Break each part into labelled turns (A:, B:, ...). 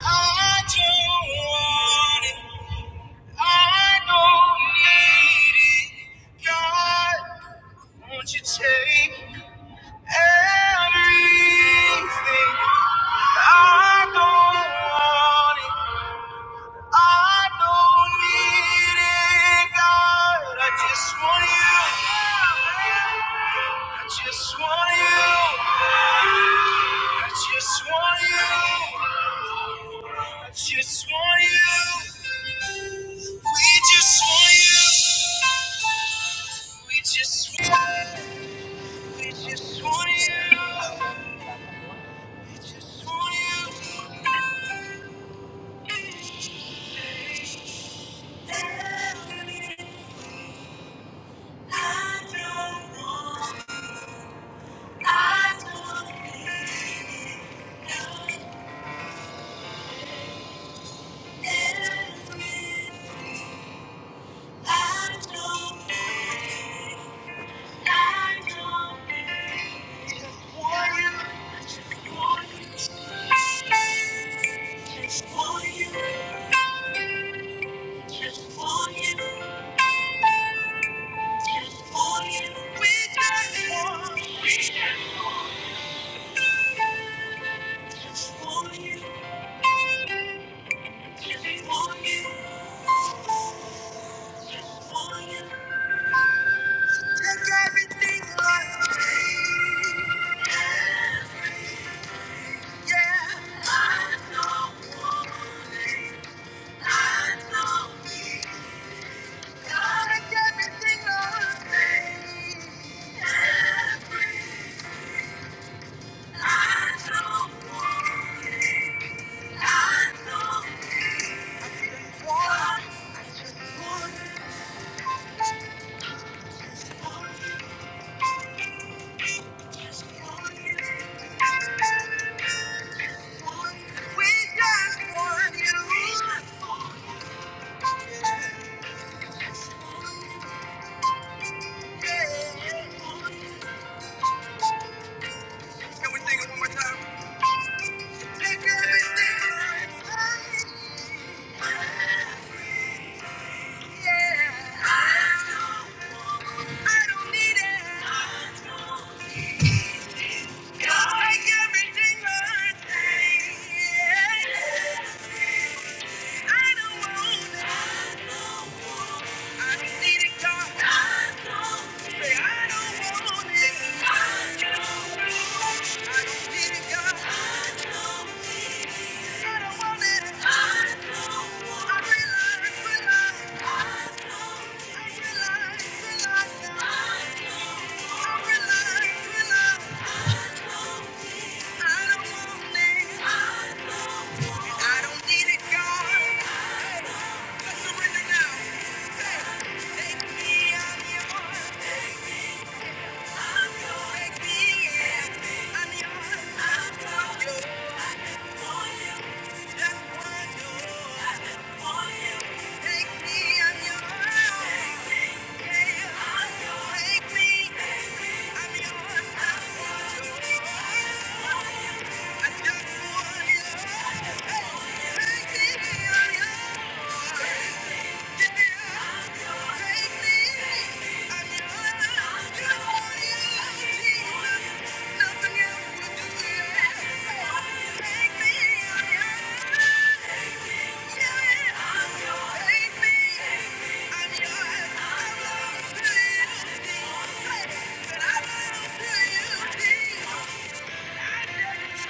A: I don't want it. I don't need it. God, won't you take everything? I don't want it. I don't need it. God, I just want you. I just want you. I just want you. Just want you. We just want you. We just want you. we just want you. Just want you. I don't want, I don't need everything. I don't need. Take everything I need. Yeah, I know woman, I know me. God is everything I need. Every- I know woman, I know me. I just want, I just want, want you, just want you. Want just want you. We just want you. Can we sing it one more time? I don't want it. I realize, realize. Thank you. Nothing else will do it. Take me, I'm yours. Thank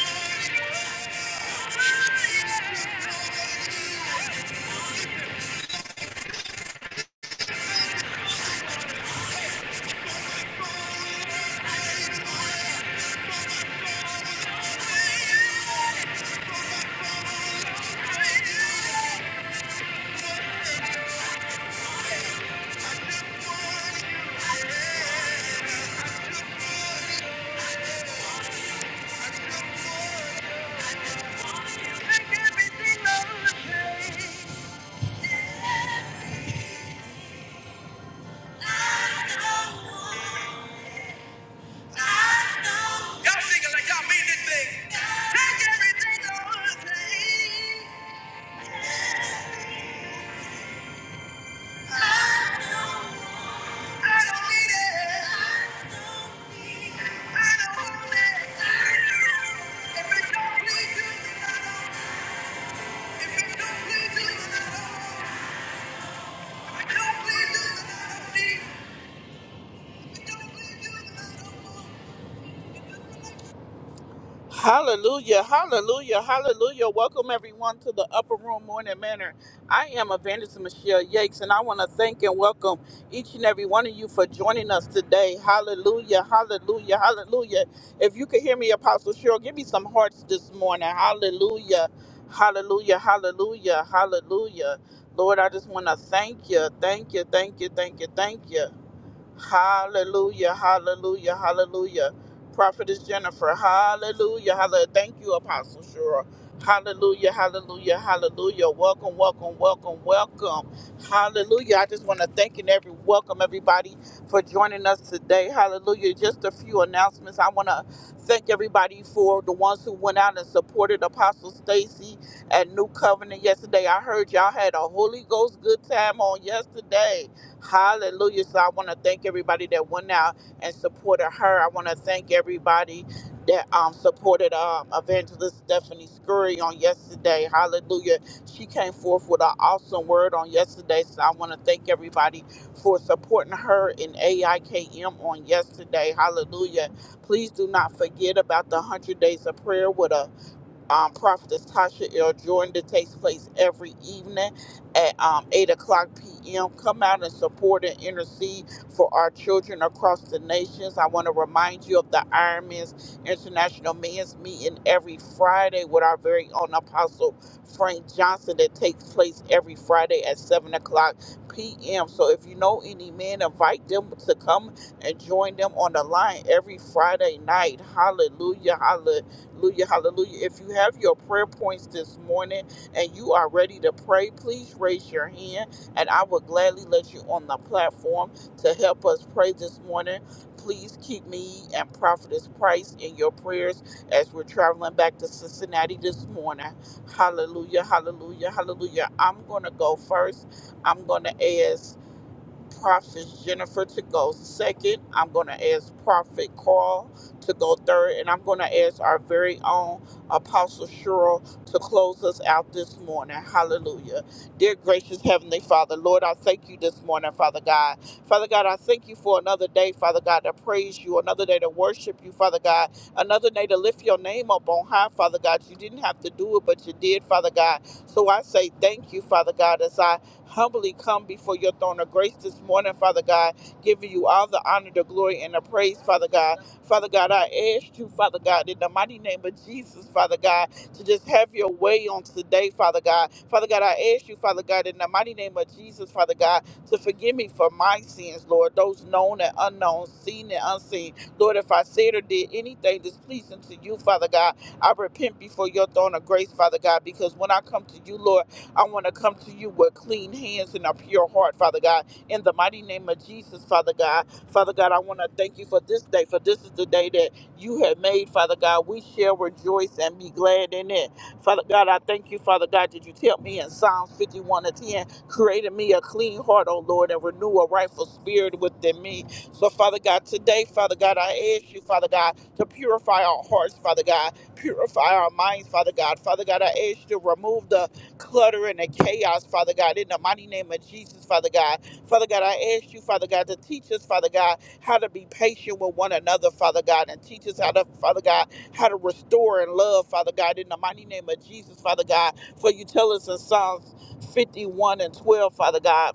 A: you. Thank you. Hallelujah, hallelujah, hallelujah. Welcome everyone to the Upper Room Morning Manor. I am Evangelist Michelle Yakes, and I want to thank and welcome each and every one of you for joining us today. Hallelujah, hallelujah, hallelujah. If you could hear me, Apostle Cheryl, give me some hearts this morning. Hallelujah, hallelujah, hallelujah, hallelujah. Lord, I just want to thank you, thank you, thank you, thank you, thank you. Hallelujah, hallelujah, hallelujah. Prophetess Jennifer, hallelujah, hallelujah. Thank you, Apostle Shura. Hallelujah, hallelujah, hallelujah. Welcome, welcome, welcome, welcome. Hallelujah. I just want to thank and every welcome everybody for joining us today. Hallelujah. Just a few announcements. I want to thank everybody for the ones who went out and supported Apostle Stacy at New Covenant yesterday. I heard y'all had a Holy Ghost good time on yesterday. Hallelujah. So I want to thank everybody that went out and supported her. I want to thank everybody that um, supported um, Evangelist Stephanie Scurry on yesterday. Hallelujah. She came forth with an awesome word on yesterday. So I want to thank everybody for supporting her in AIKM on yesterday. Hallelujah. Please do not forget about the 100 days of prayer with her um, Prophetess Tasha L. Jordan that takes place every evening at um, 8 o'clock p.m. Come out and support and intercede for our children across the nations. I want to remind you of the Iron Men's International Men's Meeting every Friday with our very own Apostle Frank Johnson that takes place every Friday at 7 o'clock p.m. So if you know any men, invite them to come and join them on the line every Friday night. Hallelujah. Hallelujah Hallelujah. Hallelujah. If you have your prayer points this morning and you are ready to pray, please raise your hand and I will gladly let you on the platform to help us pray this morning. Please keep me and Prophetess Price in your prayers as we're traveling back to Cincinnati this morning. Hallelujah. Hallelujah. Hallelujah. I'm going to go first. I'm going to ask. Prophet Jennifer to go second. I'm going to ask Prophet Carl to go third. And I'm going to ask our very own Apostle Cheryl to close us out this morning. Hallelujah. Dear gracious Heavenly Father, Lord, I thank you this morning, Father God. Father God, I thank you for another day, Father God, to praise you, another day to worship you, Father God, another day to lift your name up on high, Father God. You didn't have to do it, but you did, Father God. So I say thank you, Father God, as I humbly come before your throne of grace this morning, Father God, giving you all the honor, the glory, and the praise, Father God. Father God, I ask you, Father God, in the mighty name of Jesus, Father God, to just have your way on today, Father God. Father God, I ask you, Father God, in the mighty name of Jesus, Father God, to forgive me for my sins, Lord, those known and unknown, seen and unseen. Lord, if I said or did anything displeasing to you, Father God, I repent before your throne of grace, Father God, because when I come to you, Lord, I want to come to you with clean hands and a pure heart, Father God. In the mighty name of Jesus, Father God. Father God, I want to thank you for this day, for this is the day that you have made, Father God. We shall rejoice and be glad in it. Father God, I thank you, Father God, that you tell me in Psalms 51 and 10, created me a clean heart, O Lord, and renew a rightful spirit within me. So, Father God, today, Father God, I ask you, Father God, to purify our hearts, Father God, purify our minds, Father God. Father God, I ask you to remove the clutter and the chaos, Father God, in the mighty name of Jesus, Father God. Father God, I ask you, Father God, to teach us, Father God, how to be patient with one another, Father God, and teach us how to, Father God, how to restore and love, Father God, in the mighty name of Jesus, Father God. For you tell us in Psalms 51 and 12, Father God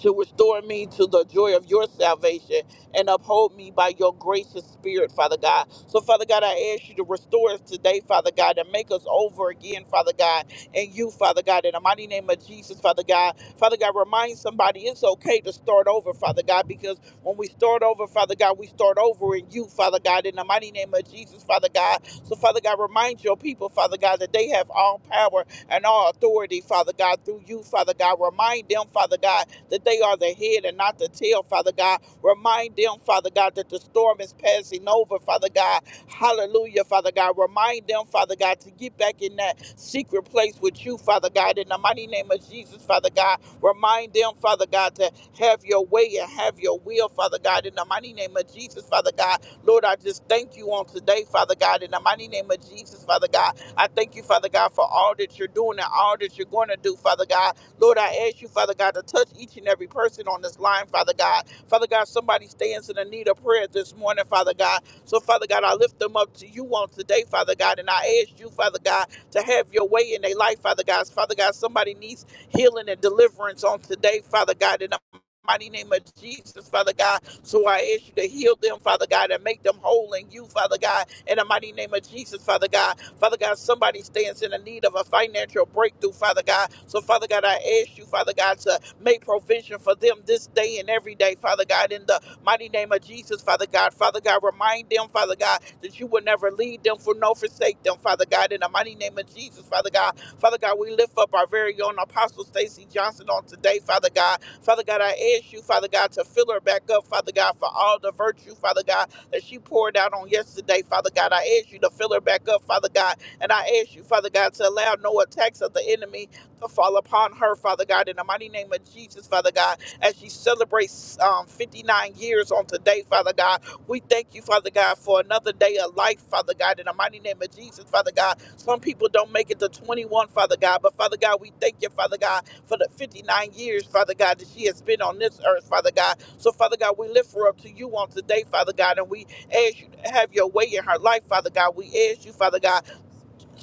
A: to restore me to the joy of your salvation and uphold me by your gracious spirit, Father God. So, Father God, I ask you to restore us today, Father God, and make us over again, Father God, and you, Father God, in the mighty name of Jesus, Father God. Father God, remind somebody it's okay to start over, Father God, because when we start over, Father God, we start over in you, Father God, in the mighty name of Jesus, Father God. So, Father God, remind your people, Father God, that they have all power and all authority, Father God, through you, Father God. Remind them, Father God, that they are the head and not the tail, Father God. Remind them, Father God, that the storm is passing over, Father God. Hallelujah, Father God. Remind them, Father God, to get back in that secret place with you, Father God. In the mighty name of Jesus, Father God. Remind them, Father God, to have your way and have your will, Father God. In the mighty name of Jesus, Father God. Lord, I just thank you on today, Father God. In the mighty name of Jesus, Father God. I thank you, Father God, for all that you're doing and all that you're going to do, Father God. Lord, I ask you, Father God, to touch each and every person on this line, Father God. Father God, somebody stands in the need of prayer this morning, Father God. So, Father God, I lift them up to you on today, Father God, and I ask you, Father God, to have your way in their life, Father God. Father God, somebody needs healing and deliverance on today, Father God, in the mighty name of Jesus, Father God. So I ask you to heal them, Father God, and make them whole in you, Father God, in the mighty name of Jesus, Father God. Father God, somebody stands in the need of a financial breakthrough, Father God. So, Father God, I ask you, Father God, to make provision for them this day and every day, Father God, in the mighty name of Jesus, Father God. Father God, remind them, Father God, that you will never lead them for no forsake them, Father God, in the mighty name of Jesus, Father God. Father God, we lift up our very own Apostle Stacy Johnson on today, Father God. Father God, I ask you, Father God, to fill her back up, Father God, for all the virtue, Father God, that she poured out on yesterday, Father God. I ask you to fill her back up, Father God. And I ask you, Father God, to allow no attacks of the enemy to fall upon her, Father God, in the mighty name of Jesus, Father God, as she celebrates um, 59 years on today, Father God. We thank you, Father God, for another day of life, Father God, in the mighty name of Jesus, Father God. Some people don't make it to 21, Father God, but Father God, we thank you, Father God, for the 59 years, Father God, that she has been on this earth, Father God. So, Father God, we lift her up to you on today, Father God, and we ask you to have your way in her life, Father God. We ask you, Father God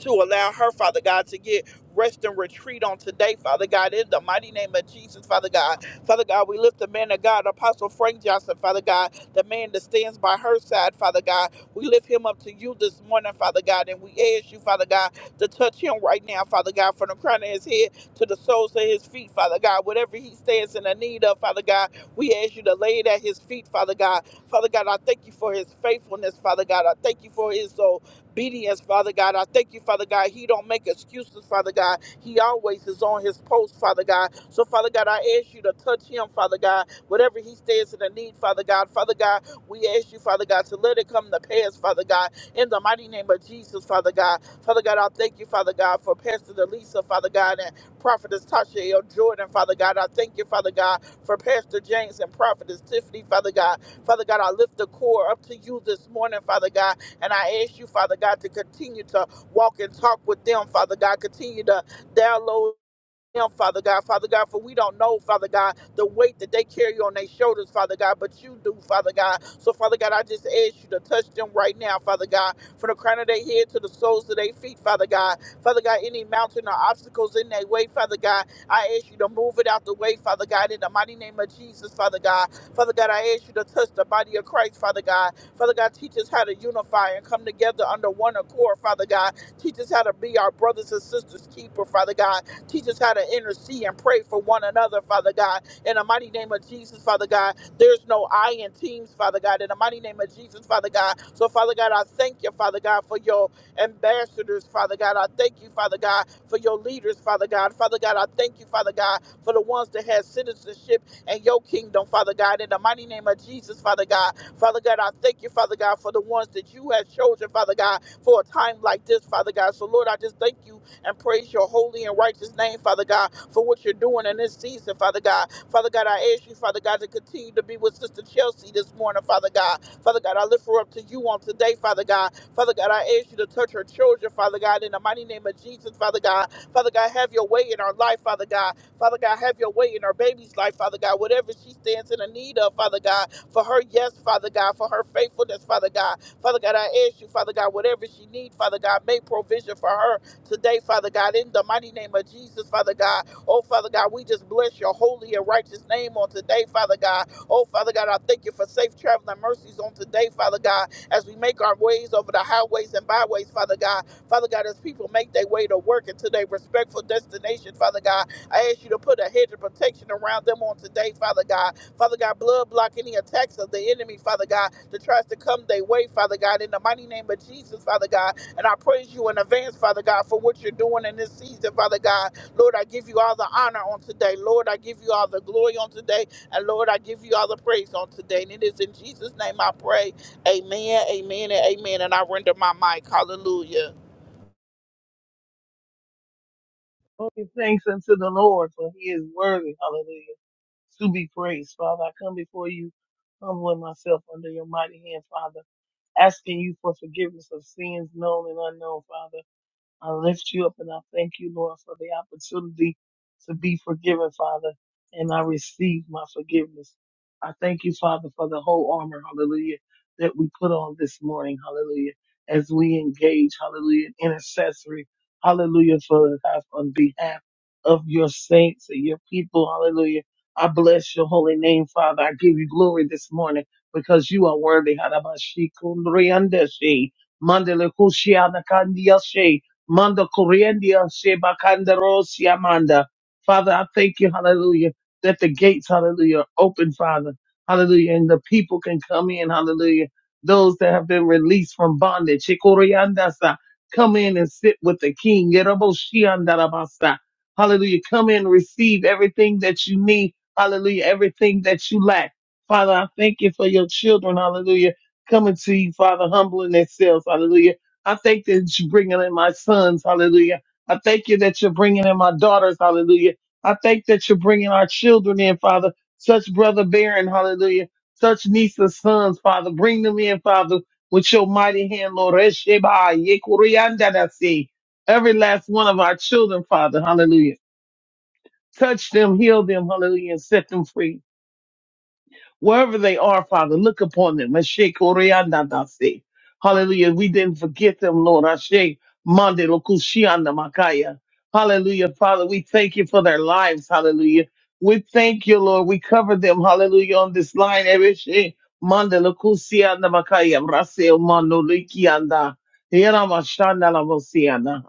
A: to allow her, Father God, to get rest and retreat on today, Father God, in the mighty name of Jesus, Father God. Father God, we lift the man of God, Apostle Frank Johnson, Father God, the man that stands by her side, Father God. We lift him up to you this morning, Father God, and we ask you, Father God, to touch him right now, Father God, from the crown of his head to the soles of his feet, Father God. Whatever he stands in the need of, Father God, we ask you to lay it at his feet, Father God. Father God, I thank you for his faithfulness, Father God. I thank you for his obedience obedience, Father God. I thank you, Father God. He don't make excuses, Father God. He always is on his post, Father God. So, Father God, I ask you to touch him, Father God. Whatever he stands in the need, Father God. Father God, we ask you, Father God, to let it come to pass, Father God. In the mighty name of Jesus, Father God. Father God, I thank you, Father God, for Pastor Delisa, Father God, and Prophetess Tasha L. Jordan, Father God. I thank you, Father God, for Pastor James and Prophetess Tiffany, Father God. Father God, I lift the core up to you this morning, Father God. And I ask you, Father God, to continue to walk and talk with them, Father God. Continue to download them, Father God, Father God, for we don't know, Father God, the weight that they carry on their shoulders, Father God, but you do, Father God. So, Father God, I just ask you to touch them right now, Father God, from the crown of their head to the soles of their feet, Father God. Father God, any mountain or obstacles in their way, Father God, I ask you to move it out the way, Father God, in the mighty name of Jesus, Father God. Father God, I ask you to touch the body of Christ, Father God. Father God, teach us how to unify and come together under one accord, Father God. Teach us how to be our brothers and sisters' keeper, Father God. Teach us how to intercede and pray for one another, Father God. In the mighty name of Jesus, Father God, there's no I in teams, Father God. In the mighty name of Jesus, Father God. So, Father God, I thank you, Father God, for your ambassadors, Father God. I thank you, Father God, for your leaders, Father God. Father God, I thank you, Father God, for the ones that have citizenship in your kingdom, Father God. In the mighty name of Jesus, Father God. Father God, I thank you, Father God, for the ones that you have chosen, Father God, for a time like this, Father God. So, Lord, I just thank you and praise your holy and righteous name, Father God, for what you're doing in this season, Father God. Father God, I ask you, Father God, to continue to be with Sister Chelsea this morning, Father God. Father God, I lift her up to you on today, Father God. Father God, I ask you to touch her children, Father God, in the mighty name of Jesus, Father God. Father God, have your way in our life, Father God. Father God, have your way in our baby's life, Father God. Whatever she stands in the need of, Father God, for her yes, Father God, for her faithfulness, Father God. Father God, I ask you, Father God, whatever she needs, Father God, make provision for her today, Father God, in the mighty name of Jesus, Father God. Oh, Father God, we just bless your holy and righteous name on today, Father God. Oh, Father God, I thank you for safe traveling mercies on today, Father God, as we make our ways over the highways and byways, Father God. Father God, as people make their way to work and to their respectful destination, Father God, I ask you to put a hedge of protection around them on today, Father God. Father God, blood block any attacks of the enemy, Father God, that tries to come their way, Father God. In the mighty name of Jesus, Father God, and I praise you in advance, Father God, for what you're doing in this season, Father God. Lord, I give you all the honor on today. Lord, I give you all the glory on today. And Lord, I give you all the praise on today. And it is in Jesus' name I pray. Amen, amen, and amen. And I render my mic. Hallelujah.
B: Oh, give thanks unto the Lord, for he is worthy, hallelujah, to be praised. Father, I come before you, humbling myself under your mighty hand, Father, asking you for forgiveness of sins known and unknown, Father. I lift you up and I thank you, Lord, for the opportunity to be forgiven, Father, and I receive my forgiveness. I thank you, Father, for the whole armor, hallelujah, that we put on this morning, hallelujah, as we engage, hallelujah, in intercessory, hallelujah, for on behalf of your saints and your people, hallelujah. I bless your holy name, Father. I give you glory this morning because you are worthy. Harabashi kundriandeshi, mandelekushianakandiashi. Manda Coriendia Sheba Kandaros Yamanda. Father, I thank you, hallelujah, that the gates, hallelujah, are open, Father. Hallelujah. And the people can come in, hallelujah. Those that have been released from bondage. Shikoriandasa. Come in and sit with the king. Yeroboshiandarabasa. Hallelujah. Come in, receive everything that you need. Hallelujah. Everything that you lack. Father, I thank you for your children. Hallelujah. Coming to you, Father, humbling themselves. Hallelujah I thank that you're bringing in my sons. Hallelujah. I thank you that you're bringing in my daughters. Hallelujah. I thank that you're bringing our children in, Father. Such brother Baron. Hallelujah. Such niece and sons, Father. Bring them in, Father, with your mighty hand, Lord. Resheba, yekuriandadasi. Every last one of our children, Father. Hallelujah. Touch them, heal them. Hallelujah. And set them free. Wherever they are, Father, look upon them. Ashe koreanda dasi. Hallelujah. We didn't forget them, Lord. Ashe mande lokushianda makaya. Hallelujah. Father, we thank you for their lives. Hallelujah. We thank you, Lord. We cover them. Hallelujah. On this line, Ashe mande lokusianda makaya. Raseo mando likianda. Yeramashanda lavosianda.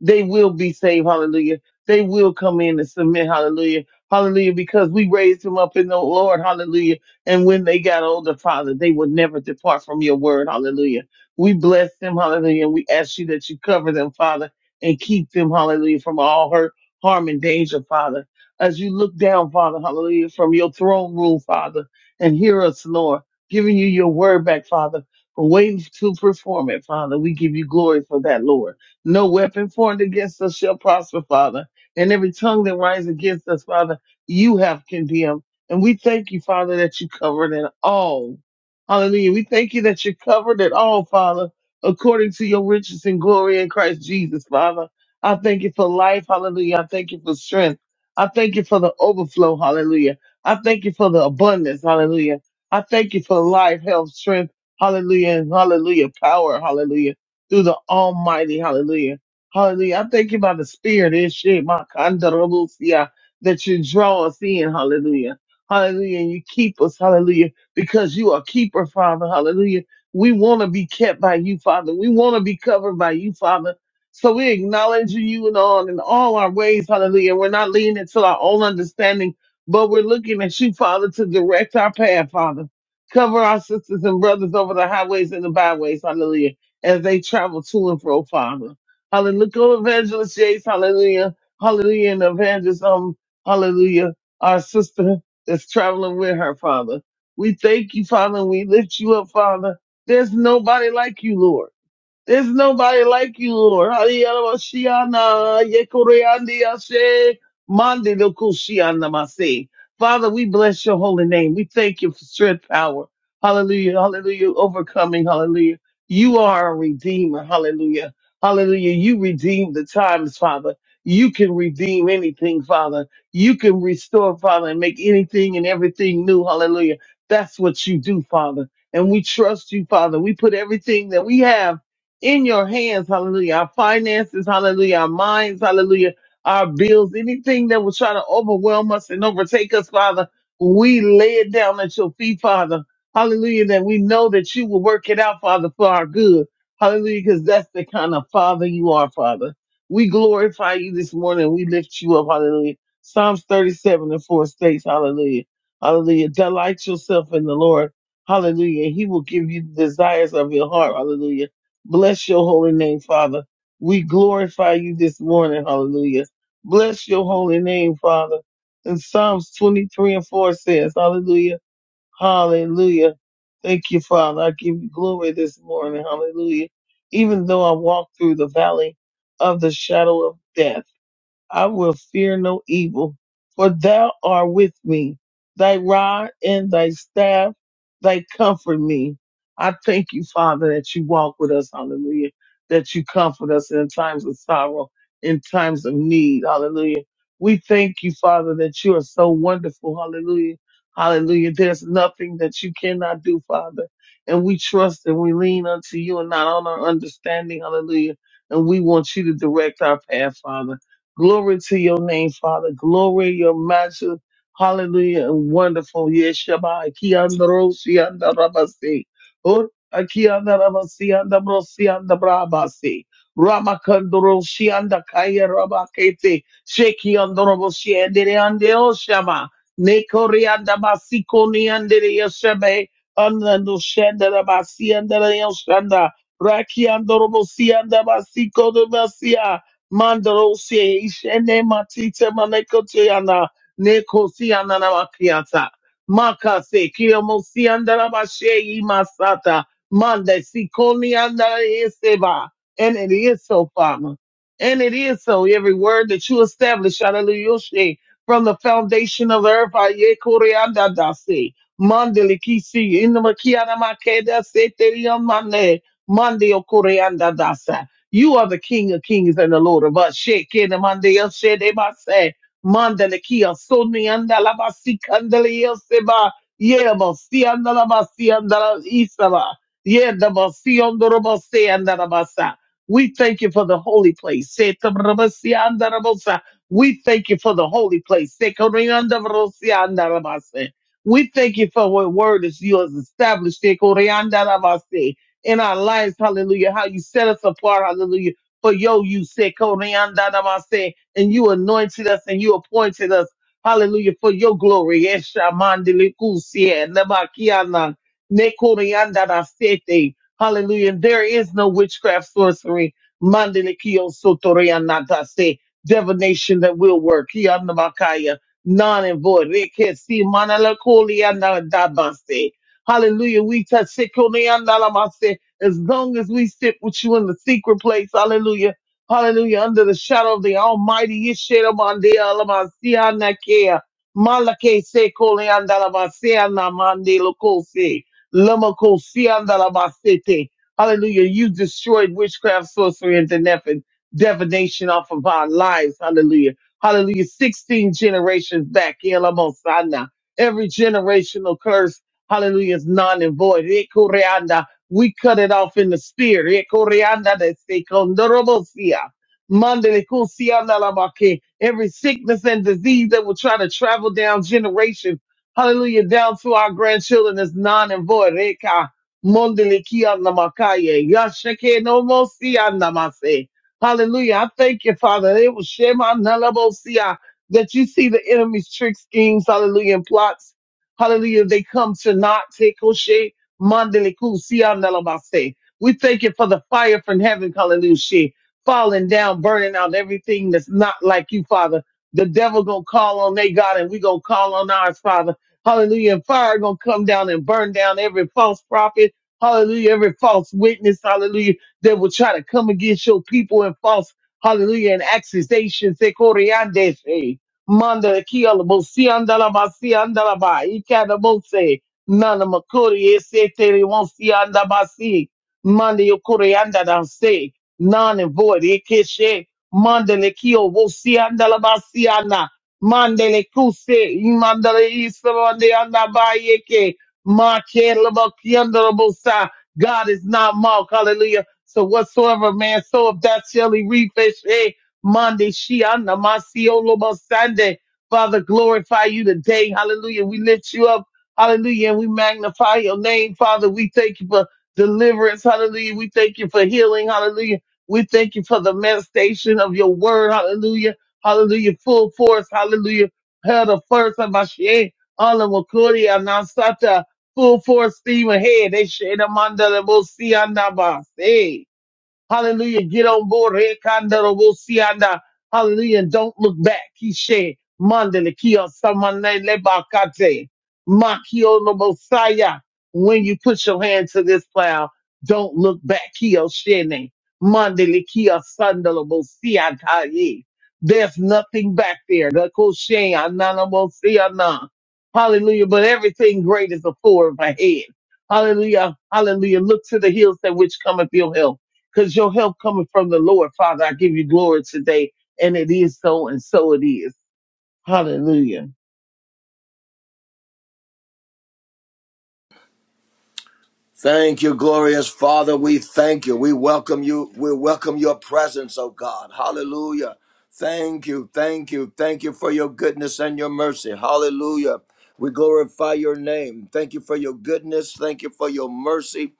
B: They will be saved. Hallelujah. They will come in and submit. Hallelujah. Hallelujah. Because we raised him up in the Lord. Hallelujah and when they got older, Father, they would never depart from your word. Hallelujah. We bless them. Hallelujah. And we ask you that you cover them, Father, and keep them, hallelujah, from all hurt, harm, and danger, Father. As you look down, Father, hallelujah, from your throne room, Father, and hear us, Lord, giving you your word back, Father. For waiting to perform it, Father. We give you glory for that, Lord. No weapon formed against us shall prosper, Father. And every tongue that rises against us, Father, you have condemned. And we thank you, Father, that you covered it all. Hallelujah. We thank you that you covered it all, Father, according to your riches and glory in Christ Jesus, Father. I thank you for life. Hallelujah. I thank you for strength. I thank you for the overflow. Hallelujah. I thank you for the abundance. Hallelujah. I thank you for life, health, strength. Hallelujah. And hallelujah. Power. Hallelujah. Through the Almighty. Hallelujah. Hallelujah. I thank you by the Spirit. It's shit. My kandarabusia, that you draw us in. Hallelujah. Hallelujah. And you keep us. Hallelujah. Because you are keeper, Father. Hallelujah. We want to be kept by you, Father. We want to be covered by you, Father. So we acknowledge you and all in all our ways. Hallelujah. We're not leaning to our own understanding, but we're looking at you, Father, to direct our path, Father. Cover our sisters and brothers over the highways and the byways. Hallelujah. As they travel to and fro, Father. Hallelujah. Look on Evangelist Yates. Hallelujah. Hallelujah. And Evangelist, um, hallelujah. Our sister that's traveling with her, Father. We thank you, Father, and we lift you up, Father. There's nobody like you, Lord. There's nobody like you, Lord. Hallelujah. Yekoreandiashe, mandilokushianamase. Father, we bless your holy name. We thank you for strength, power. Hallelujah. Hallelujah. Overcoming. Hallelujah. You are a redeemer. Hallelujah. Hallelujah. You redeem the times, Father. You can redeem anything, Father. You can restore, Father, and make anything and everything new. Hallelujah. That's what you do, Father. And we trust you, Father. We put everything that we have in your hands, hallelujah, our finances, hallelujah, our minds, hallelujah, our bills, anything that will try to overwhelm us and overtake us, Father, we lay it down at your feet, Father. Hallelujah, that we know that you will work it out, Father, for our good. Hallelujah, because that's the kind of Father you are, Father. We glorify you this morning. We lift you up, hallelujah. Psalms 37 and 4 states, hallelujah, hallelujah. Delight yourself in the Lord, hallelujah. He will give you the desires of your heart, hallelujah. Bless your holy name, Father. We glorify you this morning. Hallelujah. Bless your holy name, Father. And Psalms 23 and 4 says, Hallelujah. Hallelujah. Thank you, Father. I give you glory this morning. Hallelujah. Even though I walk through the valley of the shadow of death. I will fear no evil, for thou art with me. Thy rod and thy staff, they comfort me. I thank you, Father, that you walk with us, hallelujah, that you comfort us in times of sorrow, in times of need, hallelujah. We thank you, Father, that you are so wonderful, hallelujah, hallelujah. There's nothing that you cannot do, Father. And we trust and we lean unto you and not on our understanding, hallelujah. And we want you to direct our path, Father. Glory to your name, Father. Glory your master. Hallelujah. And wonderful. Yes, Shabbat. Kiandorosi and Rabasi. Ut Akiandarabasi and Brosi and Brabasi. Ramakandorosi and Kaya Rabakete. Sheki and Robosi and Deande Oshama. Nekori and Basikoni and Yoshabe. Anando Shandarabasi and Yoshanda. Raki and Robosi and Basiko de Basia. Mandalosie ishene matite manekotiana nekosiana na makiata. Makase kiyomosi andara bashe imasata. Mande sikoni andara yeseba. And it is so, Father. And it is so. Every word that you establish, hallelujah, from the foundation of the earth, aye koreanda dasi. Mandele kisi inamakiana makeda se teriamane. Mande okoreanda dasa. You are the King of Kings and the Lord of us. Shake it, Monday, shake it, I say. Mandele kia soni andala basi kandele yoseba. Yeah, basi andala basi andala isaba. Yeah, the basi andoro basi andala We thank you for the holy place. Se tabra basi andala basa. We thank you for the holy place. Se kori andala basi andala We thank you for what word is yours established. Se kori andala basi in our lives, hallelujah, how you set us apart, hallelujah, for yo you said, Koreandanamase, and you anointed us and you appointed us, hallelujah, for your glory. Esha mandelikusie, nebakiana, nekoreandanasete. Hallelujah. And There is no witchcraft, sorcery, mandelikio sotorianatase, divination that will work. Kianamakaya, none and void. Rekesi manalakolianadabase. Hallelujah. We touch Sekoneandalamase. as long as we sit with you in the secret place. Hallelujah. Hallelujah. Under the shadow of the Almighty. Yesheramandealamasianakea. Malake Sekoneandalamaseanamandelokose. Lamakosiandalamasete. Hallelujah. You destroyed witchcraft, sorcery, and divination divination off of our lives. Hallelujah. Hallelujah. 16 generations back. Elamosana every generational curse. Hallelujah is non and void. Ekoreanda, We cut it off in the spirit. Ekoreanda de sekondorobosia. Mande de kusianda la Every sickness and disease that will try to travel down generations, hallelujah, down to our grandchildren is non and void. Eka monde kianda makaye. Yashake no mo mase. Hallelujah. I thank you, Father. It was Shema Nalabosia that you see the enemy's trick schemes, hallelujah, and plots. Hallelujah. They come to not take Koshe Mandele Kusianalabaste. We thank you for the fire from heaven, hallelujah. Falling down, burning out everything that's not like you, Father. The devil gonna call on their God and we gonna call on ours, Father. Hallelujah. And fire gonna come down and burn down every false prophet. Hallelujah. Every false witness, hallelujah, that will try to come against your people and false, hallelujah, and accusations. They Manda kiala bosi andala basi andala ba ikada bose nana makuri ese teri wonsi anda basi manda yokuri anda danse nana void ikeshe manda le kio wosi andala basi ana manda le kuse imanda le isa manda anda ba yeke ma kiala baki andala bosa God is not mocked hallelujah so whatsoever man so if that shall he reap Monday, Shiana, Masio, Lobo, Sunday. Father, glorify you today. Hallelujah. We lift you up. Hallelujah. And we magnify your name. Father, we thank you for deliverance. Hallelujah. We thank you for healing. Hallelujah. We thank you for the manifestation of your word. Hallelujah. Hallelujah. Full force. Hallelujah. Hell the first of my shame. Allah Makuria Nasata. Full force steam ahead. They shade Amanda Lebosianabas. Hey. Hallelujah. Get on board. Rekandarobusianda. Hallelujah. And don't look back. Kishe mandele kia samane lebakate. Makio nobosaya. When you put your hand to this plow, don't look back. Kio shene. Mandele kia sandalobosiataye. There's nothing back there. The koshe ananabosiana. Hallelujah. But everything great is a forward ahead. Hallelujah. Hallelujah. Look to the hills that which cometh your help because your help coming from the Lord, Father. I give you glory today, and it is so, and so it is. Hallelujah.
C: Thank you, glorious Father. We thank you. We welcome you. We welcome your presence, oh God. Hallelujah. Thank you. Thank you. Thank you for your goodness and your mercy. Hallelujah. We glorify your name. Thank you for your goodness. Thank you for your mercy.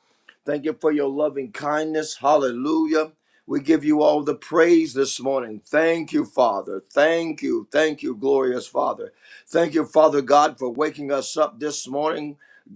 C: Thank you for your loving kindness. Hallelujah. We give you all the praise this morning. Thank you, Father. Thank you. Thank you, glorious Father. Thank you, Father God, for waking us up this morning.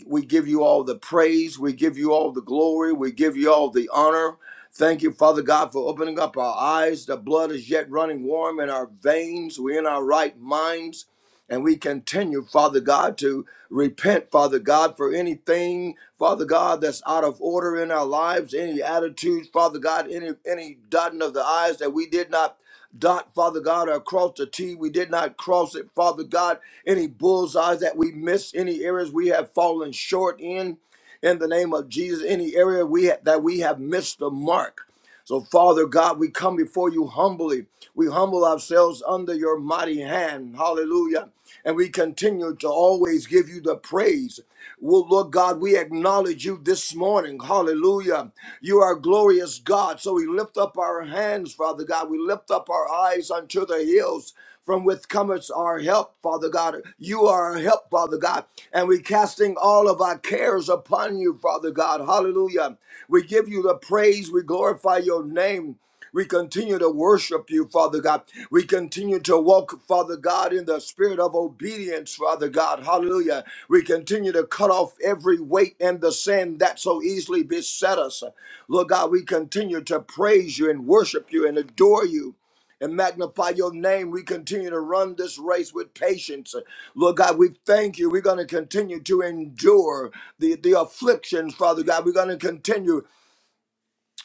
C: We give you all the praise. We give you all the glory. We give you all the honor. Thank you, Father God, for opening up our eyes. The blood is yet running warm in our veins. We're in our right minds. And we continue, Father God, to repent, Father God, for anything, Father God, that's out of order in our lives, any attitudes, Father God, any any dotting of the I's that we did not dot, Father God, or cross the T. We did not cross it, Father God, any bullseyes that we missed, any areas we have fallen short in. In the name of Jesus, any area we ha- that we have missed the mark. So, Father God, we come before you humbly. We humble ourselves under your mighty hand. Hallelujah. And we continue to always give you the praise. Well, Lord God, we acknowledge you this morning. Hallelujah. You are a glorious God. So we lift up our hands, Father God. We lift up our eyes unto the hills. From which cometh our help, Father God. You are our help, Father God. And we're casting all of our cares upon you, Father God. Hallelujah. We give you the praise. We glorify your name. We continue to worship you, Father God. We continue to walk, Father God, in the spirit of obedience, Father God. Hallelujah. We continue to cut off every weight and the sin that so easily beset us. Lord God, we continue to praise you and worship you and adore you. And magnify your name. We continue to run this race with patience. Lord God, we thank you. We're going to continue to endure the, the afflictions, Father God. We're going to continue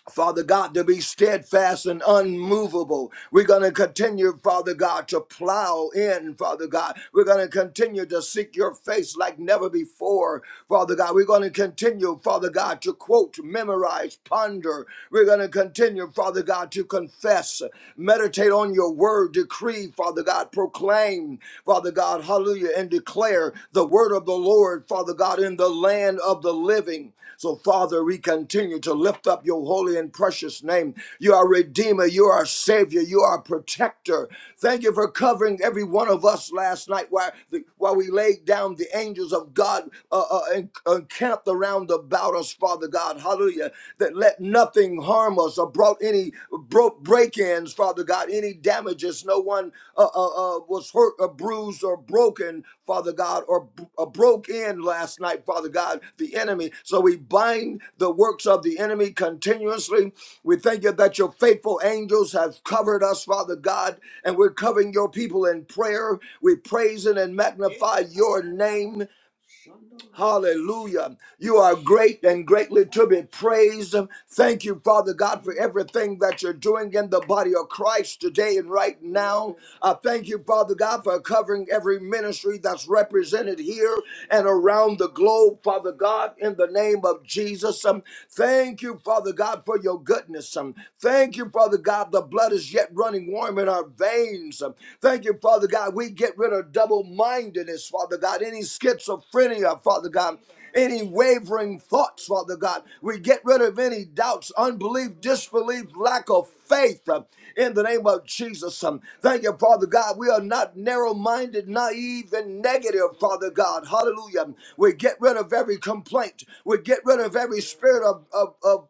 C: Father God, to be steadfast and unmovable. We're going to continue, Father God, to plow in, Father God. We're going to continue to seek your face like never before, Father God. We're going to continue, Father God, to quote, memorize, ponder. We're going to continue, Father God, to confess, meditate on your word, decree, Father God, proclaim, Father God, hallelujah, and declare declare the word of the Lord, Father God, in the land of the living. So, Father, we continue to lift up your holy and precious name. You are Redeemer, you are Savior, you are Protector. Thank you for covering every one of us last night while, the, while we laid down the angels of God uh, uh, and encamped around about us, Father God. Hallelujah. That let nothing harm us or brought any broke break-ins, Father God, any damages. No one uh, uh, uh, was hurt or bruised or broken, Father God, or uh, broke in last night, Father God, the enemy. So we bind the works of the enemy continuously. We thank you that your faithful angels have covered us, Father God, and we're covering your people in prayer. We praise and magnify your name. Hallelujah. You are great and greatly to be praised. Thank you, Father God, for everything that you're doing in the body of Christ today and right now. I thank you, Father God, for covering every ministry that's represented here and around the globe, Father God, in the name of Jesus. Um, Thank you, Father God, for your goodness. Um, Thank you, Father God. The blood is yet running warm in our veins burdens. Um, Thank you, Father God. We get rid of double mindedness, Father God, any schizophrenia, Father God. Any wavering thoughts, Father God. We get rid of any doubts, unbelief, disbelief, lack of faith um, in the name of Jesus. Um, Thank you, Father God. We are not narrow minded, naive, and negative, Father God. Hallelujah. We get rid of every complaint. We get rid of every spirit of of, of,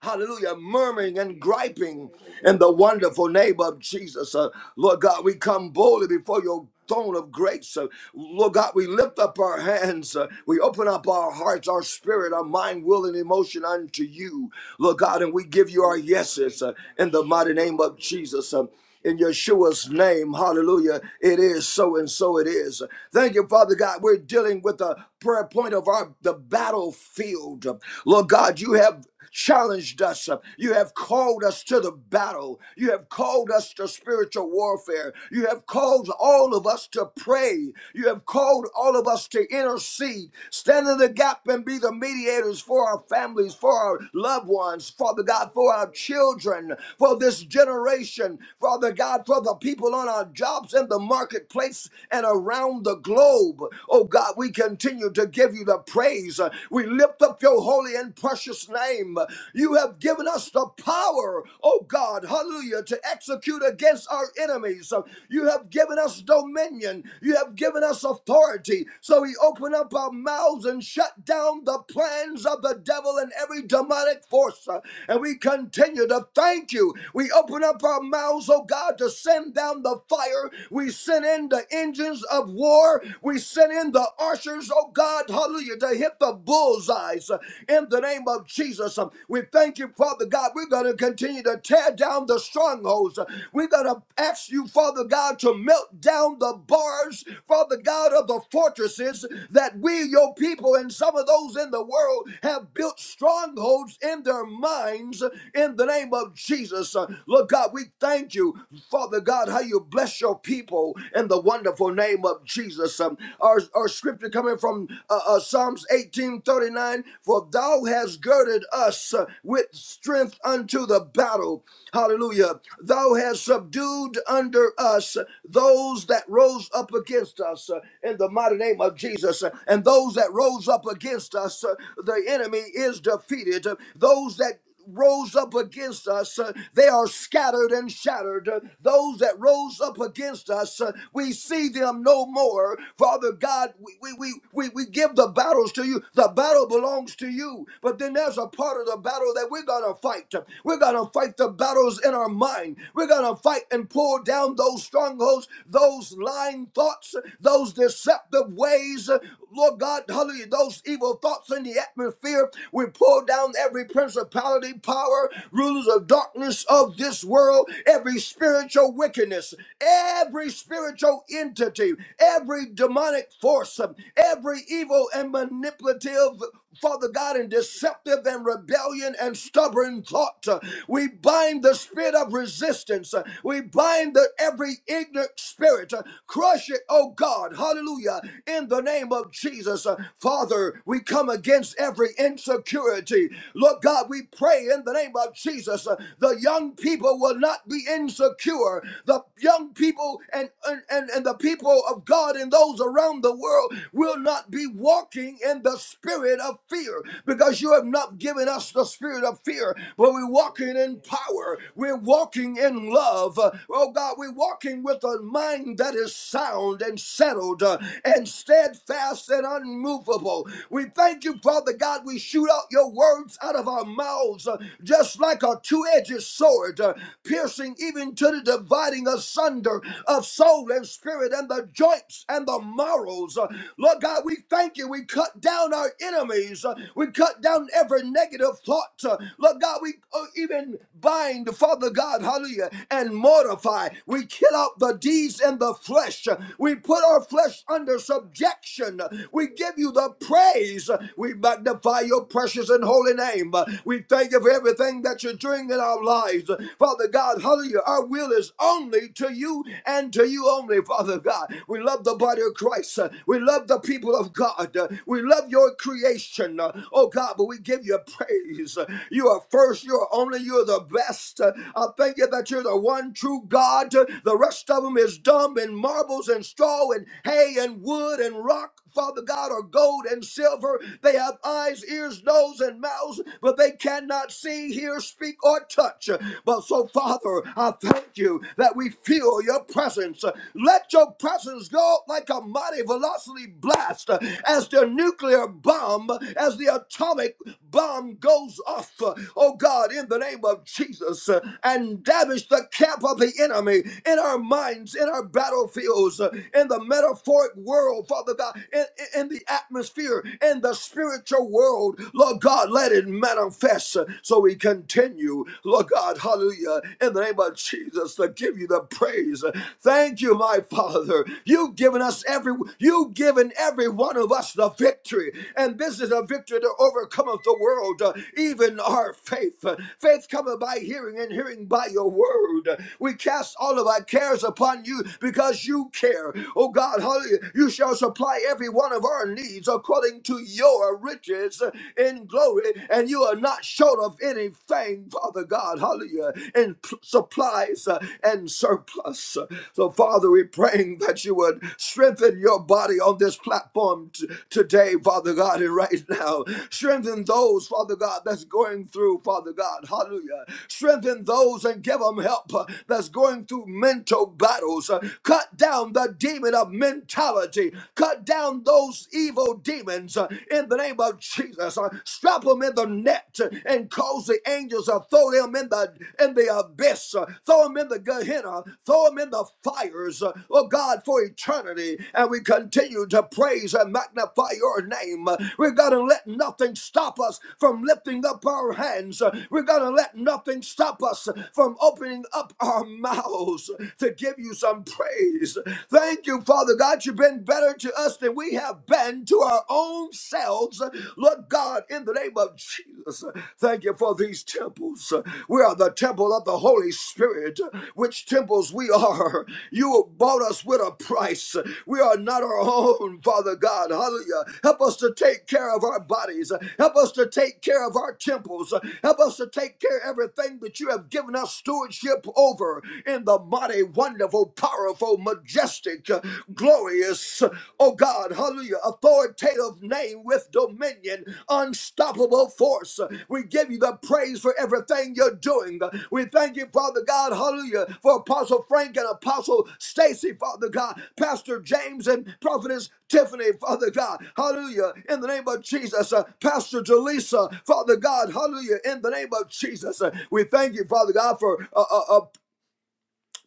C: hallelujah, murmuring and griping in the wonderful name of Jesus. Uh, Lord God, we come boldly before your throne of grace. Uh, Lord God, we lift up our hands. Uh, we open up our hearts, our spirit, our mind, will, and emotion unto you. Lord God, and we give you our yeses uh, in the mighty name of Jesus. Uh, in Yeshua's name. Hallelujah. It is so and so it is. Thank you, Father God. We're dealing with the prayer point of our the battlefield. Lord God, you have challenged us. You have called us to the battle. You have called us to spiritual warfare. You have called all of us to pray. You have called all of us to intercede, stand in the gap and be the mediators for our families, for our loved ones, Father God, for our children, for this generation, Father God, for the people on our jobs in the marketplace and around the globe. Oh God, we continue to give you the praise. We lift up your up your holy and precious name. You have given us the power, oh God, hallelujah, to execute against our enemies. You have given us dominion. You have given us authority. So we open up our mouths and shut down the plans of the devil and every demonic force. Uh, And we continue to thank you. We open up our mouths, oh God, to send down the fire. We send in the engines of war. We send in the archers, oh God, hallelujah hallelujah, to hit the bullseyes uh, in the name of Jesus. Um, We thank you, Father God. We're going to continue to tear down the strongholds. Uh, We're going to ask you, Father God, to melt down the bars, Father God, of the fortresses that we, your people, and some of those in the world have built strongholds in their minds uh, in the name of Jesus. Uh, Lord God, we thank you, Father God, how you bless your people in the wonderful name of Jesus. Um, our, or scripture coming from uh, uh, Psalms 18:39, for thou hast girded us uh, with strength unto the battle. Hallelujah. Thou hast subdued under us those that rose up against us uh, in the mighty name of Jesus. And those that rose up against us, uh, the enemy is defeated. Those that rose up against us, uh, they are scattered and shattered. Uh, Those that rose up against us, uh, we see them no more. Father God, we, we, we, we we give the battles to you. The battle belongs to you. But then there's a part of the battle that we're going to fight. We're going to fight the battles in our mind. We're going to fight and pull down those strongholds, those lying thoughts, those deceptive ways. Lord God, hallelujah, those evil thoughts in the atmosphere. We pull down every principality, power, rulers of darkness of this world, every spiritual wickedness, every spiritual entity, every demonic force, every evil and manipulative. Father God, and deceptive and rebellion and stubborn thought. We bind the spirit of resistance. We bind the every ignorant spirit. Crush it, oh God. Hallelujah. In the the name of Jesus. Uh, Father, we come against every insecurity. Lord God, we pray in the name of Jesus. uh, The young people will not be insecure. The young people and, and, and and the people of God and those around the world will not be walking in the spirit of fear because you have not given us the spirit of fear, but we're walking in power. We're walking in love. Uh, Oh God, we're walking with a mind that is sound and settled. Uh, and steadfast and unmovable. We thank you, Father God. We shoot out your words out of our mouths uh, just like a two edged sword, uh, piercing even to the dividing asunder of soul and spirit and the joints and the marrows. Uh, Lord God, we thank you. We cut down our enemies. Uh, We cut down every negative thought. Uh, Lord God, we uh, even bind, Father God, hallelujah, and mortify. We kill out the deeds in the flesh. Uh, We put our flesh under subjection. We give you the praise. We magnify your precious and holy name. We thank you for everything that you're doing in our lives. Father God, hallelujah. Our will is only to you and to you only, Father God. We love the body of Christ. We love the people of God. We love your creation. Oh God, but we give you praise. You are first, you are only, you are the best. I thank you that you're the one true God. The rest of them is dumb and marbles and structures straw and hay and wood and rock, Father God, or gold and silver. They have eyes, ears, nose, and mouths, but they cannot see, hear, speak, or touch. But so, Father, I thank you that we feel your presence. Let your presence go like a mighty velocity blast uh, as the nuclear bomb, as the atomic bomb goes off, uh, oh God, in the name of Jesus, uh, and damage the camp of the enemy in our minds, in our battlefield scenarios, uh, in the metaphoric world, Father God, in, in in the atmosphere, in the spiritual world. Lord God, let it manifest uh, so we continue, Lord God, hallelujah, in the name of Jesus, to give you the praise. Uh, Thank you, my Father. You've given us every, you've given every one of us the victory, and this is a victory that overcometh the world, uh, even our faith. Uh, Faith cometh by hearing, and hearing by your word. We cast all of our cares upon you because you care. Oh God, hallelujah. You shall supply every one of our needs according to your riches in glory, and you are not short of anything, Father God, hallelujah, in p- supplies uh, and surplus. So, Father, we're praying that you would strengthen your body on this platform t- today, Father God, and right now. Strengthen those, Father God, that's going through, Father God, hallelujah. Strengthen those and give them help uh, that's going through mental battles. Uh, Cut down the demon of mentality. Cut down those evil demons uh, in the name of Jesus. Uh, Strap them in the net uh, and cause the angels to throw them in the in the abyss. Uh, Throw them in the Gehenna. Throw them in the fires. uh, Oh God, for eternity. And we continue to praise and magnify your name. Uh, We're gonna let nothing stop us from lifting up our hands. Uh, We're gonna let nothing stop us from opening up our mouths to give you some praise. Thank you, Father God. You've been better to us than we have been to our own selves. Lord God, in the name of Jesus, thank you for these temples. We are the temple of the Holy Spirit, which temples we are. You bought us with a price. We are not our own, Father God. Hallelujah. Help us to take care of our bodies. Help us to take care of our temples. Help us to take care of everything that you have given us stewardship over in the mighty, wonderful, powerful, majestic, uh, glorious, uh, oh God, hallelujah, authoritative name with dominion, unstoppable force. Uh, We give you the praise for everything you're doing. Uh, We thank you, Father God, hallelujah, for Apostle Frank and Apostle Stacy, Father God, Pastor James and Prophetess Tiffany, Father God, hallelujah, in the name of Jesus, uh, Pastor Jaleesa, Father God, hallelujah, in the name of Jesus. Uh, we thank you, Father God, for uh, uh, uh,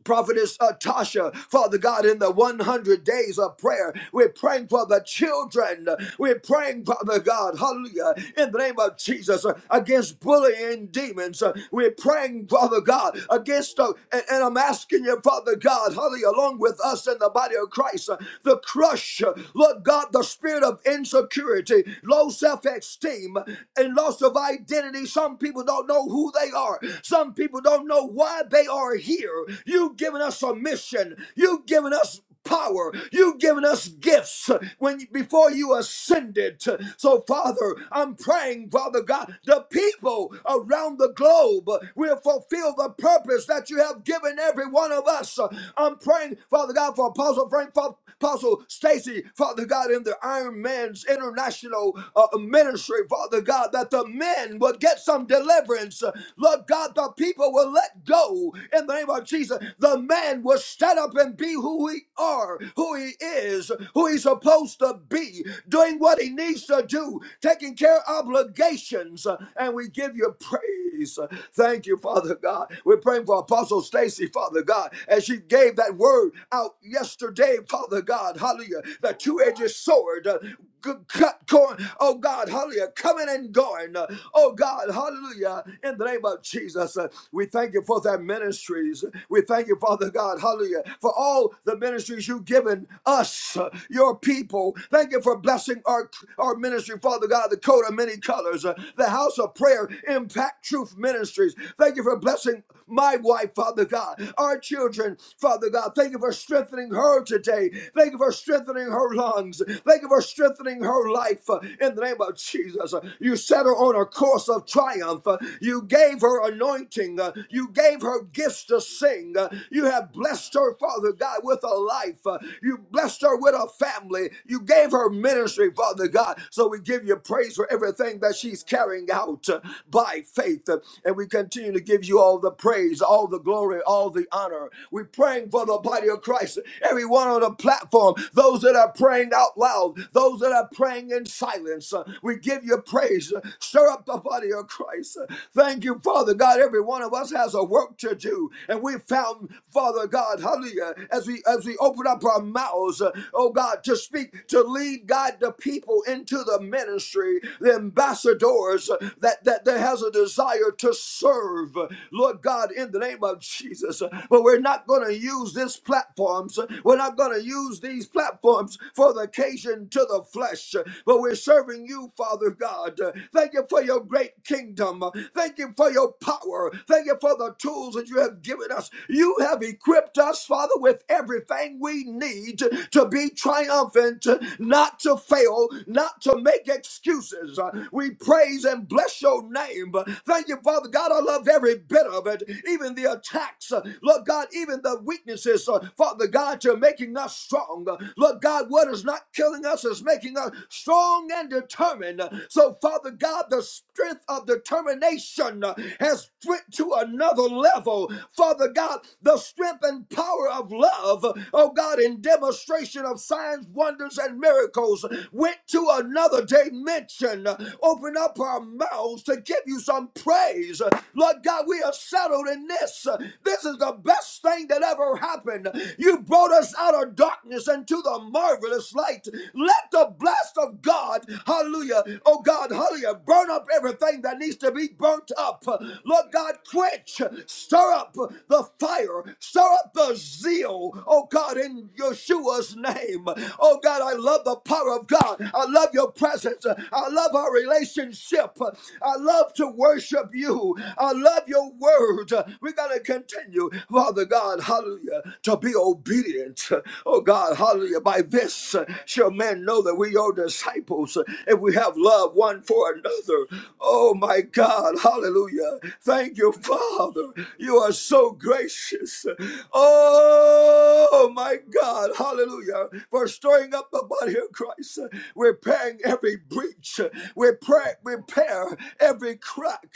C: Prophetess uh, Tasha, Father God, in the 100 days of prayer, we're praying for the children. We're praying, Father God, hallelujah, in the name of Jesus, uh, against bullying demons. Uh, We're praying, Father God, against, uh, and, and I'm asking you, Father God, hallelujah, along with us in the body of Christ, uh, the crush, uh, Lord God, the spirit of insecurity, low self esteem, and loss of identity. Some people don't know who they are, some people don't know why they are are here. You've given us a mission. You've given us power. You've given us gifts when before you ascended. So, Father, I'm praying, Father God, the people around the globe will fulfill the purpose that you have given every one of us. I'm praying, Father God, for Apostle Frank, for Apostle Stacy, Father God, in the Iron Man's International uh, Ministry, Father God, that the men will get some deliverance. Lord God, the people devil will let go in the name of Jesus. The man will stand up and be who he are, who he is, who he's supposed to be, doing what he needs to do, taking care of obligations. And we give you praise. Thank you, Father God. We're praying for Apostle Stacy, Father God, as she gave that word out yesterday, Father God. Hallelujah. The two-edged sword. uh, good cut corn. Oh God, hallelujah. Coming and going. Uh, Oh God, hallelujah. In the name of name of Jesus, uh, we thank you for their ministries. We thank you, Father God, hallelujah, for all the ministries you've given us, uh, your people. Thank you for blessing our, our ministry, Father God, the coat of many colors, uh, the house of prayer, impact truth ministries. Thank you for blessing my wife, Father God, our children, Father God. Thank you for strengthening her today. Thank you for strengthening her lungs. Thank you for strengthening her life uh, in the name of Jesus. Uh, You set her on a course of triumph triumph. Uh, You gave her anointing. Uh, You gave her gifts to sing. Uh, You have blessed her, Father God, with a life. Uh, You blessed her with a family. You gave her ministry, Father God. So we give you praise for everything that she's carrying out uh, by faith. Uh, And we continue to give you all the praise, all the glory, all the honor. We're praying for the body of Christ, everyone on the platform, those that are praying out loud, those that are praying in silence. Uh, We give you praise. Stir up the body of Christ. Thank you, Father God. Every one of us has a work to do. And we found, Father God, hallelujah, as we as we open up our mouths, uh, oh God, to speak, to lead guide the people into the ministry, the ambassadors uh, that, that that has a desire to serve. Lord God, in the name of Jesus. But we're not gonna use these platforms. We're not gonna use these platforms for the occasion to the flesh. But we're serving you, Father. Father God. Uh, Thank you for your great kingdom. Uh, Thank you for your power. Thank you for the tools that you have given us. You have equipped us, Father, with everything we need to be triumphant, uh, not to fail, not to make excuses. Uh, We praise and bless your name. Uh, Thank you, Father God. I love every bit of it, even the attacks. Uh, Lord God, even the weaknesses. Uh, Father God, you're making us strong. Uh, Lord God, what is not killing us is making us strong strong and determined. So, Father God, the strength of determination has went to another level. Father God, the strength and power of love, oh God, in demonstration of signs, wonders, and miracles went to another dimension. Open up our mouths to give you some praise. Lord God, we are settled in this. This is the best thing that ever happened. You brought us out of darkness into the marvelous light. Let the blast of God, hallelujah, oh God, hallelujah, burn up everything that needs to be burnt up. Lord God, quench, stir up the fire, stir up the zeal, oh God, in Yeshua's name. Oh God, I love the power of God. I love your presence. I love our relationship. I love to worship you. I love your word. We're going to continue, Father God, hallelujah, to be obedient, oh God, hallelujah, by this. Thus uh, shall men know that we are disciples uh, if we have love one for another. Oh my God, hallelujah. Thank you, Father. You are so gracious. Oh my God, hallelujah, for stirring up the body of Christ, uh, repairing every breach, uh, repair, repair every crack.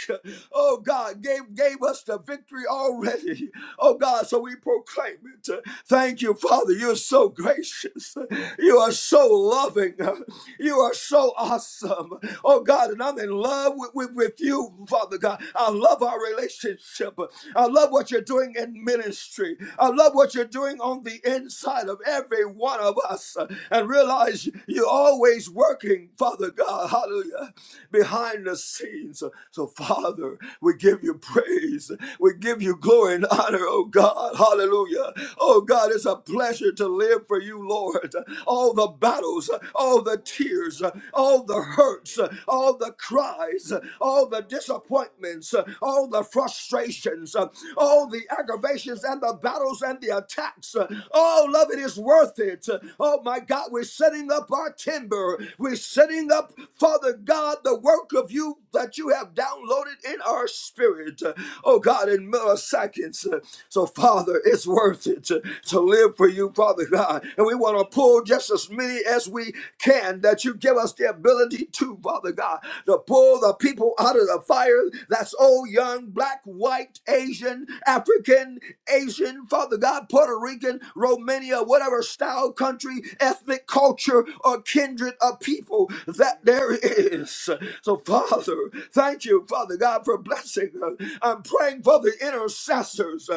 C: Oh God, gave, gave us the victory already. Oh God, so we proclaim it. Thank you, Father. You're so gracious gracious. You are so loving. You are so awesome. Oh God, and I'm in love with, with, with you, Father God. I love our relationship. I love what you're doing in ministry. I love what you're doing on the inside of every one of us. And realize you're always working, Father God, hallelujah, behind the scenes. So, Father, we give you praise. We give you glory and honor, oh God, hallelujah. Oh God, it's a a pleasure to live for you, Lord. All the battles, all the tears, all the hurts, all the cries, all the disappointments, all the frustrations, all the aggravations and the battles and the attacks. All of it is worth it. Oh my God, we're setting up our timber. We're setting up, Father God, the work of you that you have downloaded in our spirit. Oh God, in milliseconds. So, Father, it's worth earth to, to live for you, Father God. And we want to pull just as many as we can that you give us the ability to, Father God, to pull the people out of the fire that's old, young, black, white, Asian, African, Asian, Father God, Puerto Rican, Romania, whatever style, country, ethnic culture, or kindred of people that there is. So, Father, thank you, Father God, for blessing us. I'm praying for the intercessors.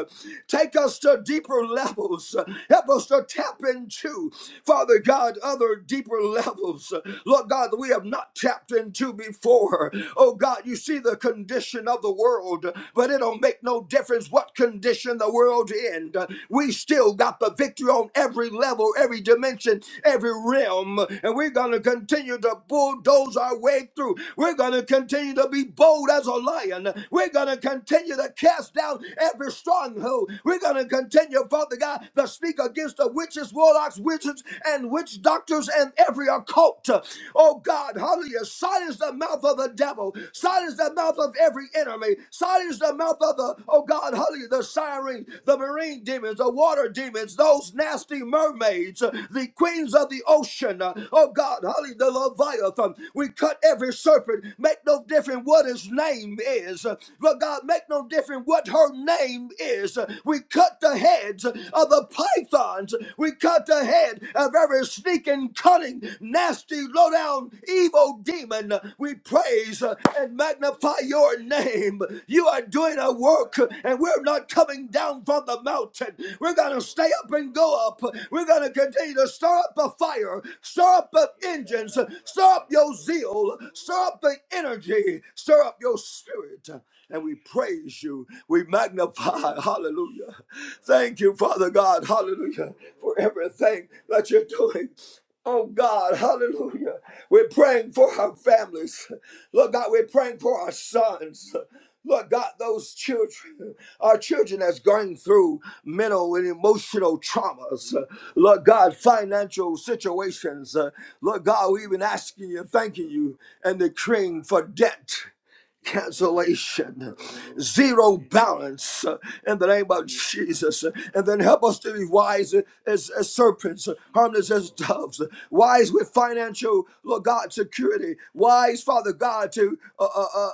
C: Take us to deeper levels. Help us to tap into, Father God, other deeper levels. Lord God, that we have not tapped into before. Oh God, you see the condition of the world, but it don't make no difference what condition the world in. We still got the victory on every level, every dimension, every realm, and we're gonna continue to bulldoze our way through. We're gonna continue to be bold as a lion. We're gonna continue to cast down every stronghold. We're going to continue, Father God, to speak against the witches, warlocks, wizards, and witch doctors and every occult. Oh God, hallelujah. Silence the mouth of the devil. Silence the mouth of every enemy. Silence the mouth of the, oh God, hallelujah, the siren, the marine demons, the water demons, those nasty mermaids, the queens of the ocean. Oh God, hallelujah, the Leviathan. We cut every serpent. Make no difference what his name is. Lord God, make make no difference what her name is. We cut the heads of the pythons. We cut the head of every sneaking, cunning, nasty, low-down, evil demon. We praise and magnify your name. You are doing a work, and we're not coming down from the mountain. We're going to stay up and go up. We're going to continue to stir up a fire, stir up the engines, stir up your zeal, stir up the energy, stir up your spirit and we praise you. We magnify, hallelujah. Thank you, Father God, hallelujah, for everything that you're doing. Oh God, hallelujah. We're praying for our families. Lord God, we're praying for our sons. Lord God, those children, our children that's going through mental and emotional traumas. Lord God, financial situations. Lord God, we've been asking you, thanking you, and decreeing for debt cancellation, zero balance uh, in the name of Jesus. And then help us to be wise as, as serpents, harmless as doves, wise with financial, Lord God, security, wise, Father God, to uh, uh, uh,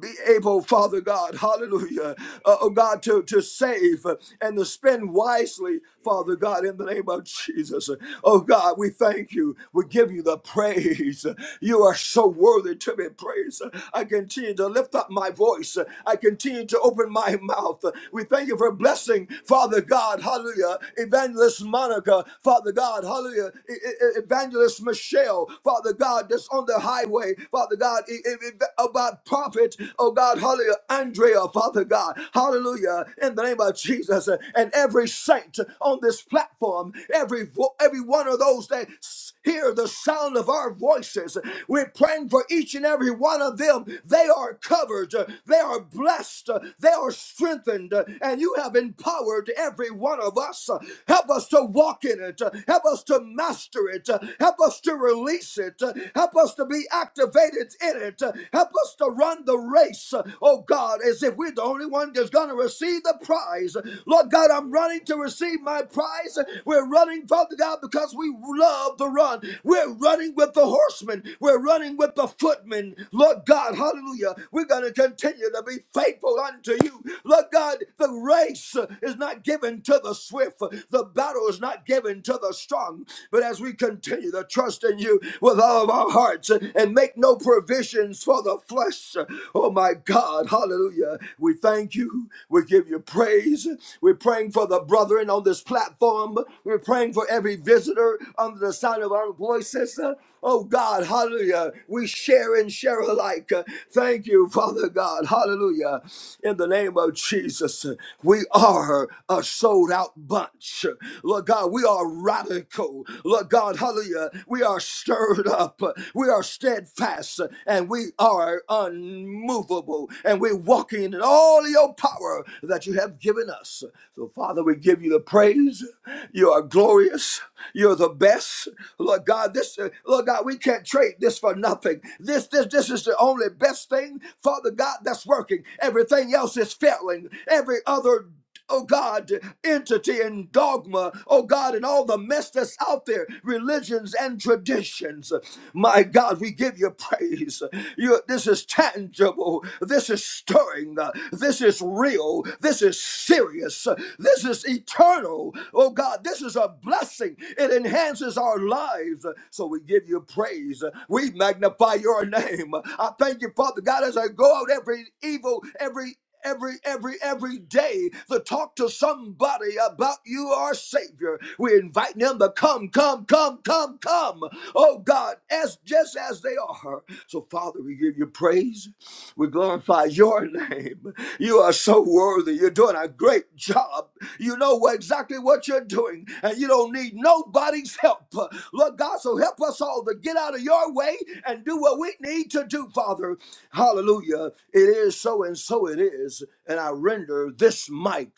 C: be able, Father God, hallelujah, uh, oh God, to, to save uh, and to spend wisely, Father God, in the name of Jesus. Oh God, we thank you. We give you the praise. You are so worthy to be praised. I continue to lift up my voice. I continue to open my mouth. We thank you for blessing, Father God, hallelujah, Evangelist Monica, Father God, hallelujah, E- E- E-, Evangelist Michelle, Father God, that's on the highway, Father. Father God, i- i- about prophet, oh God, hallelujah, Andrea, Father God, hallelujah, in the name of Jesus, and every saint on this platform, every vo- every one of those that s- hear the sound of our voices, we're praying for each and every one of them. They are covered, they are blessed, they are strengthened, and you have empowered every one of us. Help us to walk in it, help us to master it, help us to release release it. Uh, Help us to be activated in it. Uh, Help us to run the race, uh, oh God, as if we're the only one that's going to receive the prize. Lord God, I'm running to receive my prize. We're running, Father God, because we love the run. We're running with the horsemen. We're running with the footmen. Lord God, hallelujah. We're going to continue to be faithful unto you. Lord God, the race is not given to the swift, the battle is not given to the strong. But as we continue to trust in you with all of our hearts and make no provisions for the flesh, oh my God, hallelujah. We thank you. We give you praise. We're praying for the brethren on this platform. We're praying for every visitor under the sound of our voices. Oh God, hallelujah. We share and share alike. Thank you, Father God, hallelujah. In the name of Jesus, we are a sold out bunch church. Lord God, we are radical. Lord God, hallelujah. We are stirred up. We are steadfast and we are unmovable. And we're walking in all your power that you have given us. So, Father, we give you the praise. You are glorious. You're the best. Lord God, this uh, Lord God, we can't trade this for nothing. This this this is the only best thing, Father God, that's working. Everything else is failing. Every other oh God, entity and dogma, oh God, and all the mess that's out there, religions and traditions. My God, we give you praise. You, this is tangible. This is stirring. This is real. This is serious. This is eternal. Oh God, this is a blessing. It enhances our lives. So we give you praise. We magnify your name. I thank you, Father God, as I go out every evil, every every every every day to talk to somebody about you our savior we're inviting them to come come come come come oh god as just as they are so father we give you praise we glorify your name you are so worthy you're doing a great job you know what- exactly what you're doing and you don't need nobody's help lord god so help us all to get out of your way and do what we need to do father hallelujah it is so and so it is, and I render this mic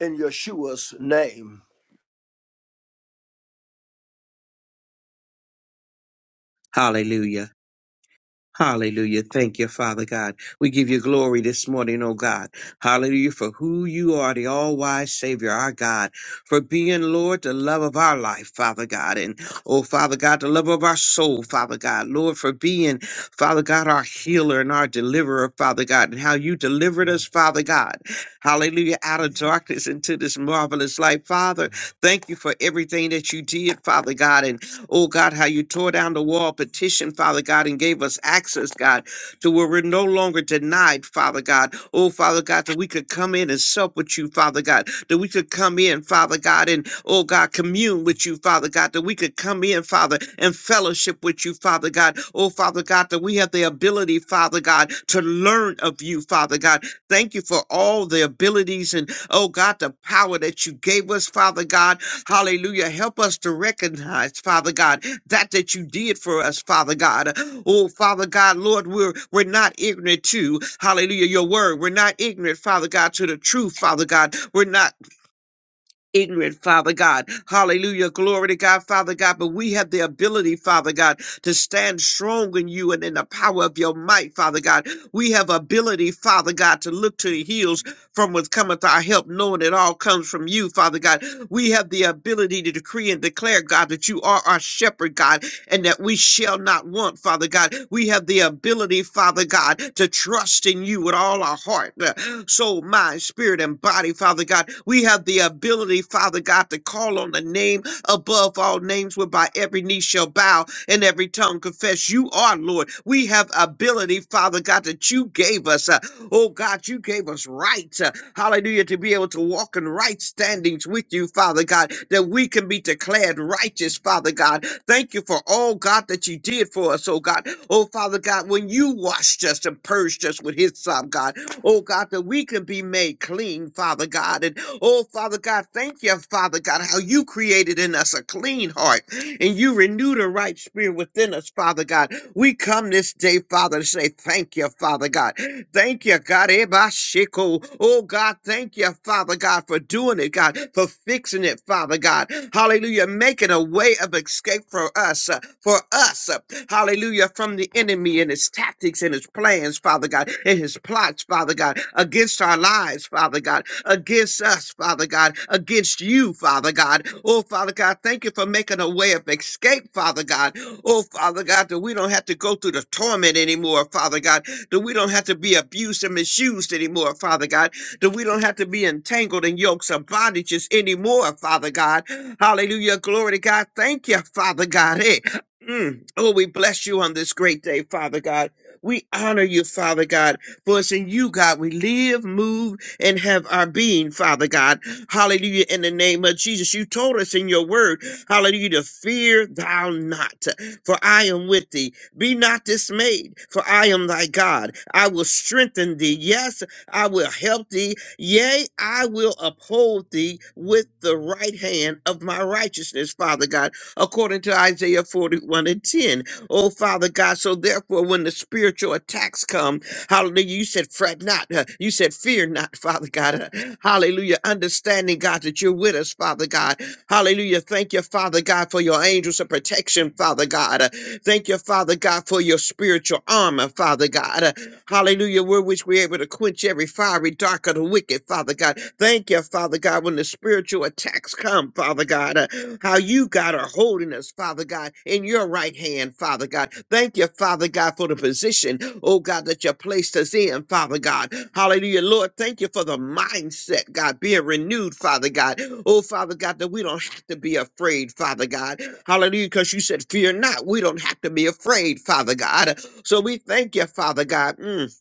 C: in Yeshua's name.
D: Hallelujah. Hallelujah. Thank you, Father God. We give you glory this morning, oh God. Hallelujah for who you are, the all wise Savior, our God, for being, Lord, the love of our life, Father God. And, oh, Father God, the love of our soul, Father God. Lord, for being, Father God, our healer and our deliverer, Father God, and how you delivered us, Father God. Hallelujah, out of darkness into this marvelous light. Father, thank you for everything that you did, Father God. And Oh God, how you tore down the wall of petition, Father God, and gave us access, God, to where we're no longer denied, Father God. Oh, Father God, that we could come in and sup with you, Father God, that we could come in, Father God, and oh God, commune with you, Father God, that we could come in, Father, and fellowship with you, Father God. Oh, Father God, that we have the ability, Father God, to learn of you, Father God. Thank you for all the abilities and oh God, the power that you gave us, Father God Hallelujah. Help us to recognize, Father God, that that you did for us, Father God. Oh, Father God, Lord, we're we're not ignorant to, hallelujah, your word. We're not ignorant, Father God, to the truth, Father God. We're not ignorant, Father God. Hallelujah. Glory to God, Father God. But we have the ability, Father God, to stand strong in you and in the power of your might, Father God. We have ability, Father God, to look to the hills from whence cometh our help, knowing it all comes from you, Father God. We have the ability to decree and declare, God, that you are our shepherd, God, and that we shall not want, Father God. We have the ability, Father God, to trust in you with all our heart, uh, soul, mind, spirit, and body, Father God. We have the ability, Father God, to call on the name above all names, whereby every knee shall bow and every tongue confess you are Lord. We have ability, Father God, that you gave us. uh, Oh God, you gave us right. uh, hallelujah, to be able to walk in right standings with you, Father God, that we can be declared righteous, Father God. Thank you for all, God, that you did for us, oh God. Oh, Father God, when you washed us and purged us with his son, God, oh God, that we can be made clean, Father God. And oh, Father God, thank you, Father God, how you created in us a clean heart and you renewed a right spirit within us, Father God. We come this day, Father, to say thank you, Father God. Thank you, God. Ebashiko. Oh, God, thank you, Father God, for doing it, God, for fixing it, Father God. Hallelujah. Making a way of escape for us, uh, for us. uh, hallelujah, from the enemy and his tactics and his plans, Father God, and his plots, Father God, against our lives, Father God, against us, Father God, against you, Father God. Oh, Father God, thank you for making a way of escape, Father God. Oh, Father God, that we don't have to go through the torment anymore, Father God, that we don't have to be abused and misused anymore, Father God, that we don't have to be entangled in yokes of bondages anymore, Father God. Hallelujah. Glory to God. Thank you, Father God. Hey, Mm. Oh, we bless you on this great day, Father God. We honor you, Father God, for it's in you, God, we live, move, and have our being, Father God. Hallelujah. In the name of Jesus, you told us in your word, hallelujah, to fear thou not, for I am with thee. Be not dismayed, for I am thy God. I will strengthen thee. Yes, I will help thee. Yea, I will uphold thee with the right hand of my righteousness, Father God according to Isaiah 41 and 10. Oh, Father God, so therefore, when the spiritual attacks come, hallelujah, you said, fret not. uh, You said, fear not, Father God. uh, Hallelujah. Understanding, God, that you're with us, Father God. Hallelujah. Thank you, Father God, for your angels of protection, Father God. Uh, Thank you, Father God, for your spiritual armor, Father God. uh, Hallelujah. Word which we're able to quench every fiery dark of the wicked, Father God. Thank you, Father God, when the spiritual attacks come, Father God. uh, how you, God, are holding us, Father God, in your right hand, Father God. Thank you, Father God, for the position, oh God, that you placed us in, Father God. Hallelujah. Lord, thank you for the mindset, God, being renewed, Father God. Oh, Father God, that we don't have to be afraid, Father God. Hallelujah, because you said, Fear not. We don't have to be afraid, Father God. So we thank you, Father God. Mm.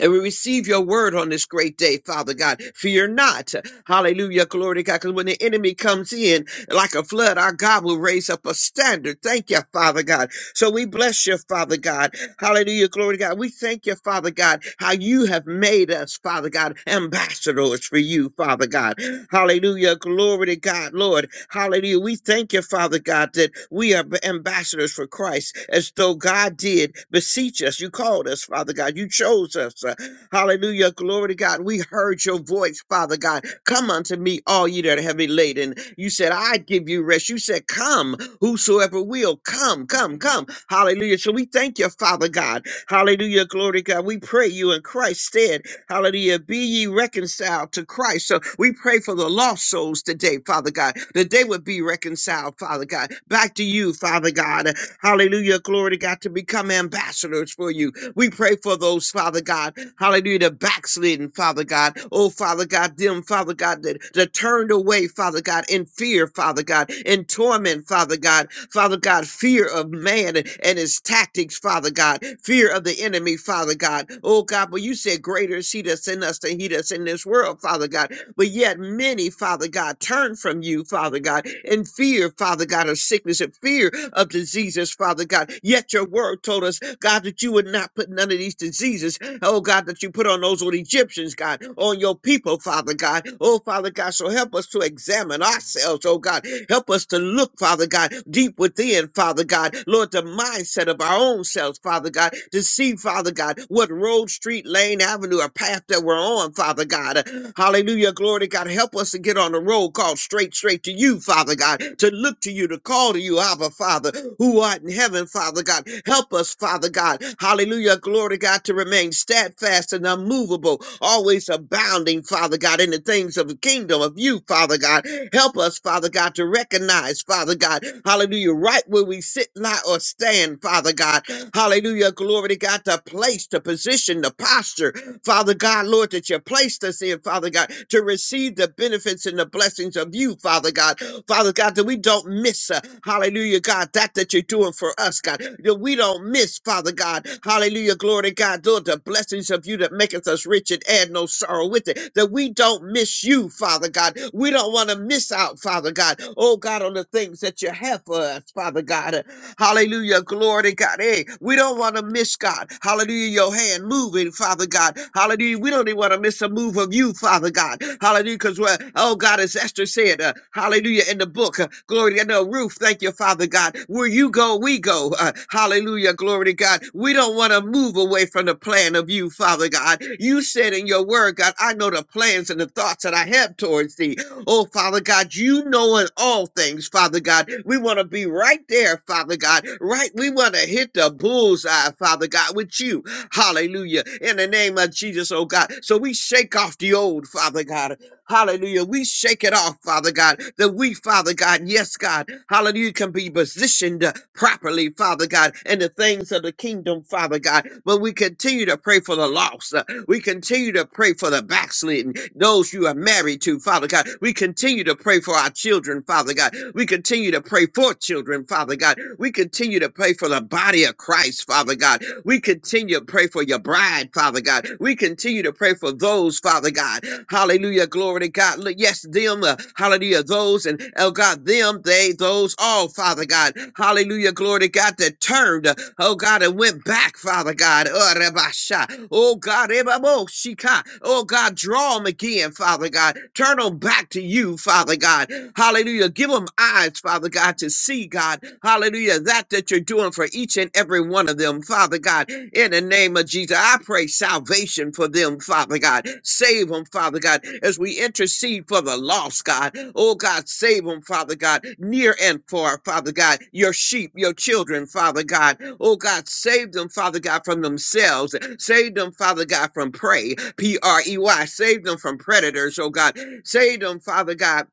D: And we receive your word on this great day, Father God. Fear not. Hallelujah. Glory to God. Because when the enemy comes in like a flood, our God will raise up a standard. Thank you, Father God. So we bless you, Father God. Hallelujah. Glory to God. We thank you, Father God, how you have made us, Father God, ambassadors for you, Father God. Hallelujah. Glory to God, Lord. Hallelujah. We thank you, Father God, that we are ambassadors for Christ as though God did beseech us. You called us, Father God. You chose us. Uh, Hallelujah. Glory to God. We heard your voice, Father God. Come unto me, all ye that are heavy laden. You said, I give you rest. You said, Come, whosoever will, come, come, come. Hallelujah. So we thank you, Father God. Hallelujah. Glory to God. We pray you in Christ's stead. Hallelujah. Be ye reconciled to Christ. So we pray for the lost souls today, Father God, that they would be reconciled, Father God, back to you, Father God. Hallelujah. Glory to God to become ambassadors for you. We pray for those, Father God, Hallelujah. The backslidden, Father God. Oh, Father God, them, Father God, that, that turned away, Father God, in fear, Father God, in torment, Father God. Father God, fear of man and, and his tactics, Father God. Fear of the enemy, Father God. Oh, God, but you said, greater is he that's in us than he that's in this world, Father God. But yet many, Father God, turn from you, Father God, in fear, Father God, of sickness and fear of diseases, Father God. Yet your word told us, God, that you would not put none of these diseases, oh God, that you put on those old Egyptians, God, on your people, Father God. Oh, Father God, so help us to examine ourselves, oh God. Help us to look, Father God, deep within, Father God. Lord, the mindset of our own selves, Father God, to see, Father God, what road, street, lane, avenue, or path that we're on, Father. Father God. Hallelujah. Glory to God. Help us to get on the road called straight, straight to you, Father God, to look to you, to call to you, Abba, Father, who art in heaven, Father God. Help us, Father God. Hallelujah. Glory to God to remain steadfast and unmovable, always abounding, Father God, in the things of the kingdom of you, Father God. Help us, Father God, to recognize, Father God, hallelujah, right where we sit, lie, or stand, Father God. Hallelujah. Glory to God, the place, the position, the posture, Father God, Lord, that you placed us in, Father God, to receive the benefits and the blessings of you, Father God. Father God, that we don't miss, uh, hallelujah, God, that that you're doing for us, God, that we don't miss, Father God, hallelujah, glory to God, Lord, the blessings of you that maketh us rich and add no sorrow with it, that we don't miss you, Father God. We don't want to miss out, Father God, oh God, on the things that you have for us, Father God. Hallelujah. Glory to God. Hey, we don't want to miss God. Hallelujah. Your hand moving, Father God. Hallelujah. We don't even want to miss a move of you, Father God. Hallelujah. Because, oh God, as Esther said, uh, hallelujah, in the book, uh, glory to God. no, Ruth. thank you, Father God. Where you go, we go. Uh, hallelujah. Glory to God. We don't want to move away from the plan of you, Father God. You said in your word, God, I know the plans and the thoughts that I have towards thee Oh, Father God, you know in all things, Father God. We want to be right there, Father God. Right, we want to hit the bullseye, Father God, with you. Hallelujah. In the name of Jesus, oh God. So we shake off the old, Father God. Hallelujah. We shake it off, Father God, that we, Father God, yes, God, hallelujah, can be positioned uh, properly, Father God, in the things of the kingdom, Father God. But we continue to pray for the lost. We continue to pray for the backslidden, those you are married to, Father God. We continue to pray for our children, Father God. We continue to pray for children, Father God. We continue to pray for the body of Christ, Father God. We continue to pray for your bride, Father God. We continue to pray for those, Father God, Hallelujah. Glory to God. Look, Yes, them. uh, Hallelujah. Those and oh God, them, they, those, all, Father God. Hallelujah. Glory to God that turned. uh, Oh God, and went back, Father God. Oh Rabasha. Oh, God. Ebabo Shika. Oh God, draw them again, Father God. Turn them back to you, Father God. Hallelujah. Give them eyes, Father God, to see, God. Hallelujah. That that you're doing for each and every one of them, Father God. In the name of Jesus, I pray salvation for them, Father God. Save them, Father God, as we intercede for the lost, God. Oh, God, save them, Father God, near and far, Father God. Your sheep, your children, Father God. Oh, God, save them, Father God, from themselves. Save them, Father God, from prey, P R E Y. Save them from predators, oh God. Save them, Father God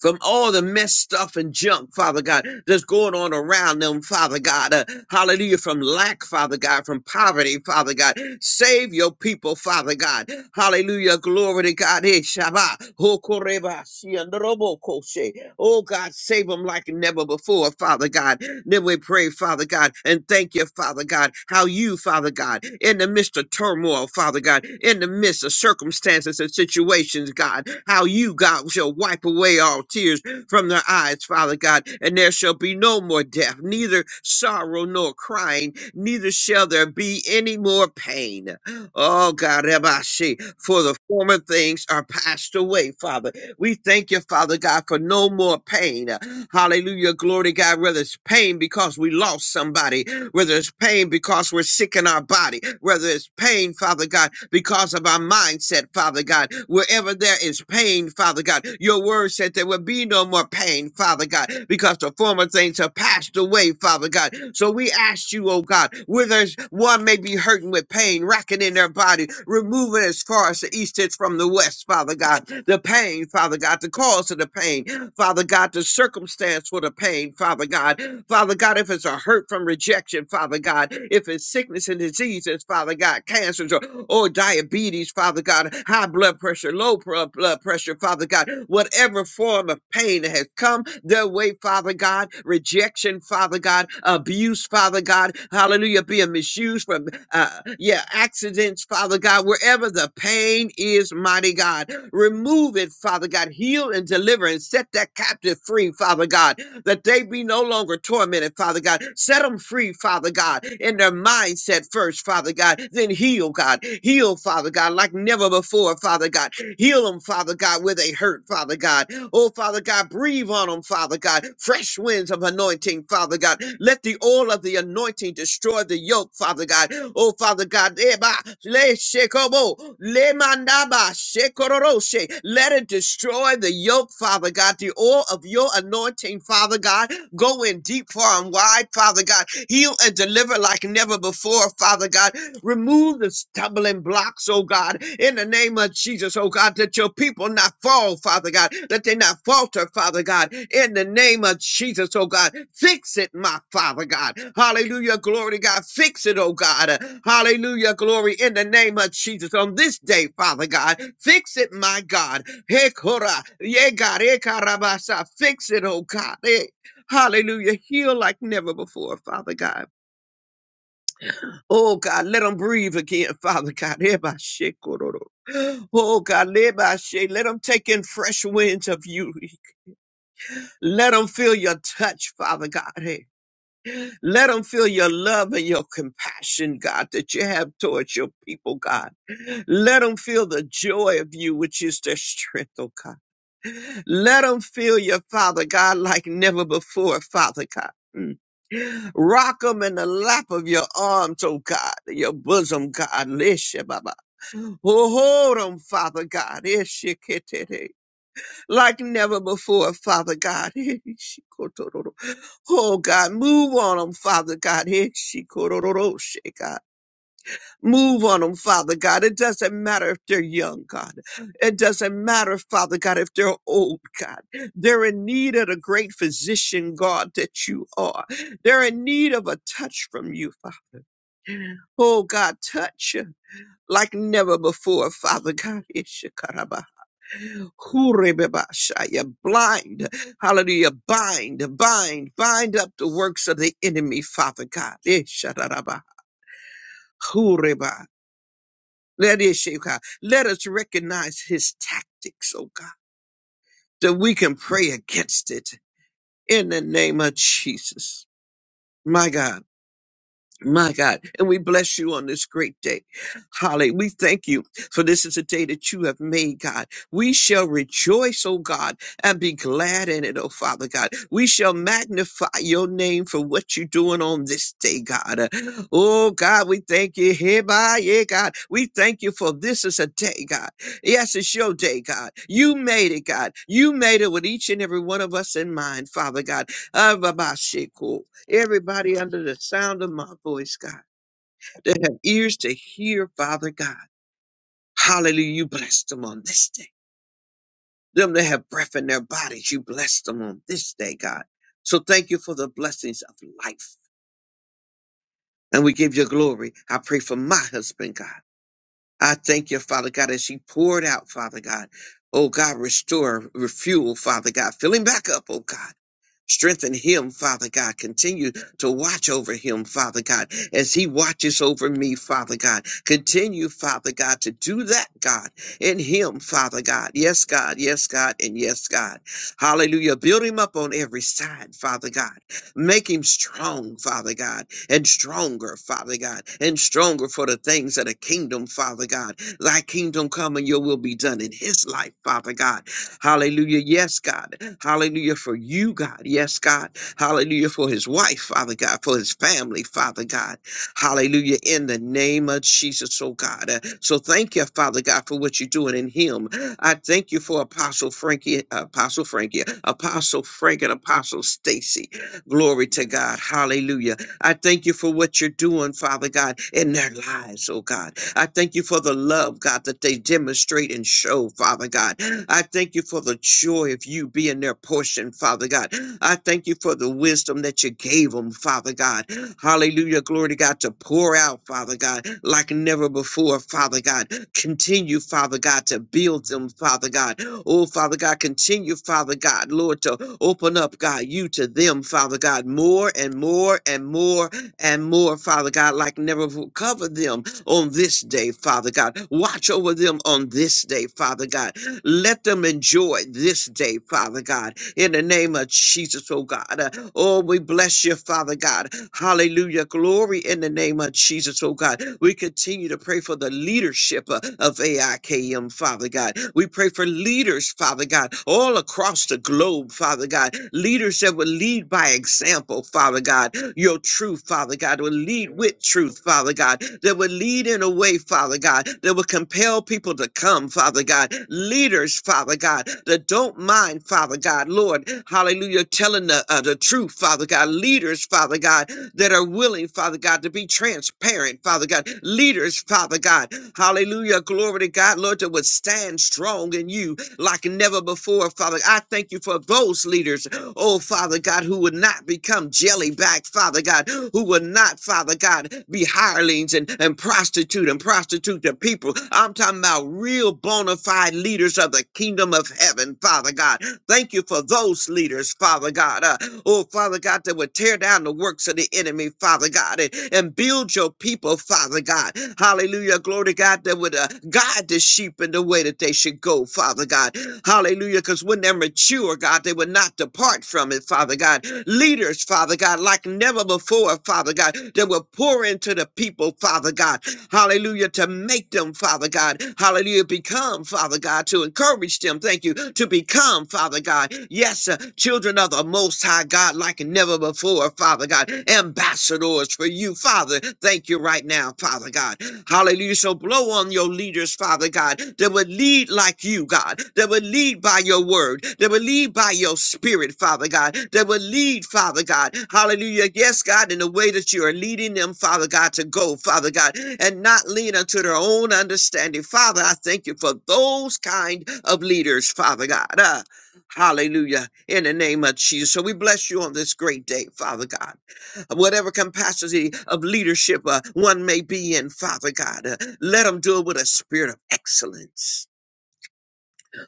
D: from all the mess stuff and junk, Father God, that's going on around them, Father God. Uh, hallelujah. From lack, Father God, from poverty, Father God. Save your people, Father God. Hallelujah. Glory to God. Eh, Shabbat. Hokoreba, Siandorobokoshe. Oh God, save them like never before, Father God. Then we pray, Father God, and thank you, Father God, how you, Father God, in the midst of turmoil, Father God, in the midst of circumstances and situations, God, how you, God, shall wipe away all tears from their eyes, Father God, and there shall be no more death, neither sorrow nor crying, neither shall there be any more pain. Oh God, Rabashi, for the former things are passed away, Father. We thank you, Father God, for no more pain. Hallelujah. Glory to God, whether it's pain because we lost somebody, whether it's pain because we're sick in our body, whether it's pain, Father God, because of our mindset, Father God, wherever there is pain, Father God, your word said there will be no more pain, Father God, because the former things have passed away, Father God. So we ask you, oh God, where there's one may be hurting with pain, racking in their body, remove it as far as the east is from the west, Father God, the pain, Father God, the cause of the pain, Father God, the circumstance for the pain, Father God. Father God, if it's a hurt from rejection, Father God, if it's sickness and diseases, Father God, cancers or, or diabetes, Father God, high blood pressure, low pro- blood pressure, Father God, whatever form of pain that has come their way, Father God, rejection, Father God, abuse, Father God, hallelujah, being misused from, uh, yeah, accidents, Father God, wherever the pain is, mighty God. Remove it, Father God. Heal and deliver and set that captive free, Father God, that they be no longer tormented, Father God. Set them free, Father God, in their mindset first, Father God. Then heal, God. Heal, Father God, like never before, Father God. Heal them, Father God, where they hurt, Father God. Oh, Father God, breathe on them, Father God. Fresh winds of anointing, Father God. Let the oil of oil of the anointing destroy the yoke, Father God. Oh, Father God, eba, le shekobo, le mandaba, shekororoshe. let it destroy the yoke, Father God. The oil of your anointing, Father God, go in deep, far, and wide, Father God. Heal and deliver like never before, Father God. Remove the stumbling blocks, oh God, in the name of Jesus, oh God, that your people not fall, Father God, that they not falter, Father God, in the name of Jesus, oh God. Fix it, my Father God. Hallelujah, glory to God. Fix it, oh God. Hallelujah, glory in the name of Jesus on this day, Father God. Fix it, my God. Hey, Korah. Yeah, God. Hey, Karabasa. Fix it, oh God. Hey. Hallelujah. Heal like never before, Father God. Oh God, let them breathe again, Father God. Eba she kororo. Oh God, leba she. let them take in fresh winds of you. Let them feel your touch, Father God. Hey, Let them feel your love and your compassion, God, that you have towards your people, God. Let them feel the joy of you, which is their strength, oh God. Let them feel your Father God like never before, Father God. Mm. Rock 'em in the lap of your arms, oh God, your bosom, God. Hold on, Father God. Eshekete. Like never before, Father God. Eshikotororo. Oh, God, move on them, Father God. Eshikororo, she God. Move on them, Father God. It doesn't matter if they're young, God. It doesn't matter, Father God, if they're old, God. They're in need of the great physician, God, that you are. They're in need of a touch from you, Father. Oh, God, touch like never before, Father God. Ishikaraba. Kurebebashaya, blind, hallelujah, bind, bind, bind up the works of the enemy, Father God. Esharaba, kureba, Let it shake out. Let us recognize his tactics, oh God, that we can pray against it in the name of Jesus. My God. My God, and we bless you on this great day. Holly, we thank you for this is a day that you have made, God. We shall rejoice, oh God, and be glad in it, oh Father God. We shall magnify your name for what you're doing on this day, God. Uh, Oh God, we thank you. Hereby, yeah, God. We thank you for this is a day, God. Yes, it's your day, God. You made it, God. You made it with each and every one of us in mind, Father God. Ababashiko. Everybody under the sound of my voice, God, that have ears to hear, Father God. Hallelujah. You blessed them on this day. Them that have breath in their bodies, you blessed them on this day, God. So thank you for the blessings of life. And we give you glory. I pray for my husband, God. I thank you, Father God, as he poured out, Father God. Oh God, restore, refuel, Father God. Fill him back up, oh God. Strengthen him, Father God. Continue to watch over him, Father God, as he watches over me, Father God. Continue, Father God, to do that, God, in him, Father God. Yes, God, yes, God, and yes, God. Hallelujah. Build him up on every side, Father God. Make him strong, Father God, and stronger, Father God, and stronger for the things of the kingdom, Father God. Thy kingdom come and your will be done in his life, Father God Hallelujah. Yes, God. Hallelujah for you, God. Yes, God. Hallelujah for his wife, Father God, for his family, Father God. Hallelujah. In the name of Jesus, oh God. Uh, so thank you, Father God, for what you're doing in him. I thank you for Apostle Frankie, Apostle Frankie, Apostle Frank, and Apostle Stacy. Glory to God. Hallelujah. I thank you for what you're doing, Father God, in their lives, oh God. I thank you for the love, God, that they demonstrate and show, Father God. I thank you for the joy of you being their portion, Father God. I thank you for the wisdom that you gave them, Father God. Hallelujah. Glory to God to pour out, Father God, like never before, Father God. Continue, Father God, to build them, Father God. Oh, Father God, continue, Father God, Lord, to open up, God, you to them, Father God, more and more and more and more, Father God, like never before. Cover them, on this day, Father God. Watch over them on this day, Father God. Let them enjoy this day, Father God. In the name of Jesus, oh God. Uh, Oh, we bless you, Father God. Hallelujah. Glory in the name of Jesus, oh God. We continue to pray for the leadership uh, of AIKM, Father God. We pray for leaders, Father God, all across the globe, Father God. Leaders that will lead lead by example, Father God, your truth, Father God, will lead with truth, Father God, that will lead in a way, Father God, that will compel people to come, Father God, leaders, Father God, that don't mind, Father God, Lord, hallelujah, telling the, uh, the truth, Father God, leaders, Father God, that are willing, Father God, to be transparent, Father God, leaders, Father God, hallelujah, glory to God, Lord, that would stand strong in you, like never before, Father. I thank you for those leaders, oh Father God, who would not become jelly back, Father God, who would not, Father God, be hirelings and, and prostitute and prostitute the people. I'm talking about real bona fide leaders of the kingdom of heaven, Father God. Thank you for those leaders, Father God. Uh, oh, Father God. God, that would tear down the works of the enemy, Father God, and, and build your people, Father God. Hallelujah. Glory to God, that would uh, guide the sheep in the way that they should go, Father God. Hallelujah. Because when they're mature, God, they would not depart from it, Father God. Leaders, Father God, like never before, Father God, that will pour into the people, Father God hallelujah, to make them, Father God, hallelujah, become, Father God, to encourage them, thank you, to become, Father God, yes, uh, children of the Most High God, like never before, Father God, ambassadors for you, Father, thank you right now, Father God, hallelujah. So blow on your leaders, Father God, that would lead like you, God, that would lead by your word, that would lead by your spirit, Father God, that would lead, Father God. Hallelujah. Yes, God, in the way that you are leading them, Father God, to go, Father God, and not lean unto their own understanding. Father, I thank you for those kind of leaders, Father God. Ah, hallelujah. In the name of Jesus. So we bless you on this great day, Father God whatever capacity of leadership uh, one may be in, Father God. uh, let them do it with a spirit of excellence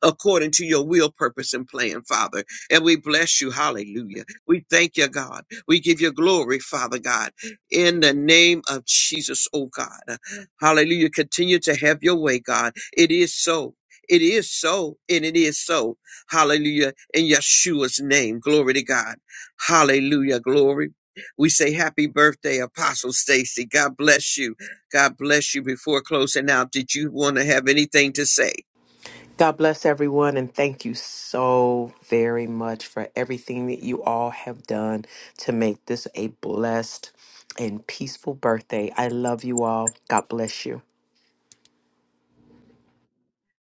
D: according to your will, purpose, and plan, Father. And we bless you. Hallelujah. We thank you, God. We give you glory, Father God, in the name of Jesus, oh God. Hallelujah. Continue to have your way, God. It is so. It is so, and it is so. Hallelujah. In Yeshua's name. Glory to God. Hallelujah. Glory. We say happy birthday, Apostle Stacy. God bless you. God bless you. Before closing out, did you want to have anything to say?
E: God bless everyone and thank you so very much for everything that you all have done to make this a blessed and peaceful birthday. I love you all. God bless you.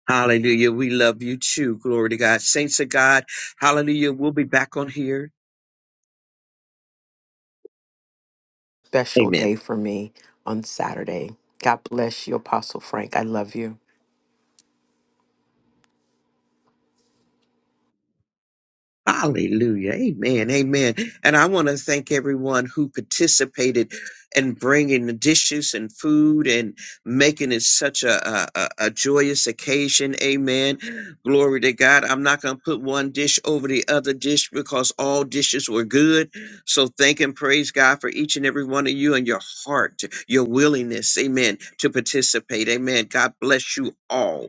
D: Hallelujah. We love you too. Glory to God. Saints of God. Hallelujah. We'll be back on here.
E: Special
D: Amen.
E: day for me on Saturday. God bless you, Apostle Frank. I love you.
D: Hallelujah. Amen. Amen. And I want to thank everyone who participated in bringing the dishes and food and making it such a, a, a a joyous occasion. Amen. Glory to God. I'm not going to put one dish over the other dish because all dishes were good. So thank and praise God for each and every one of you and your heart, your willingness. Amen. To participate. Amen. God bless you all.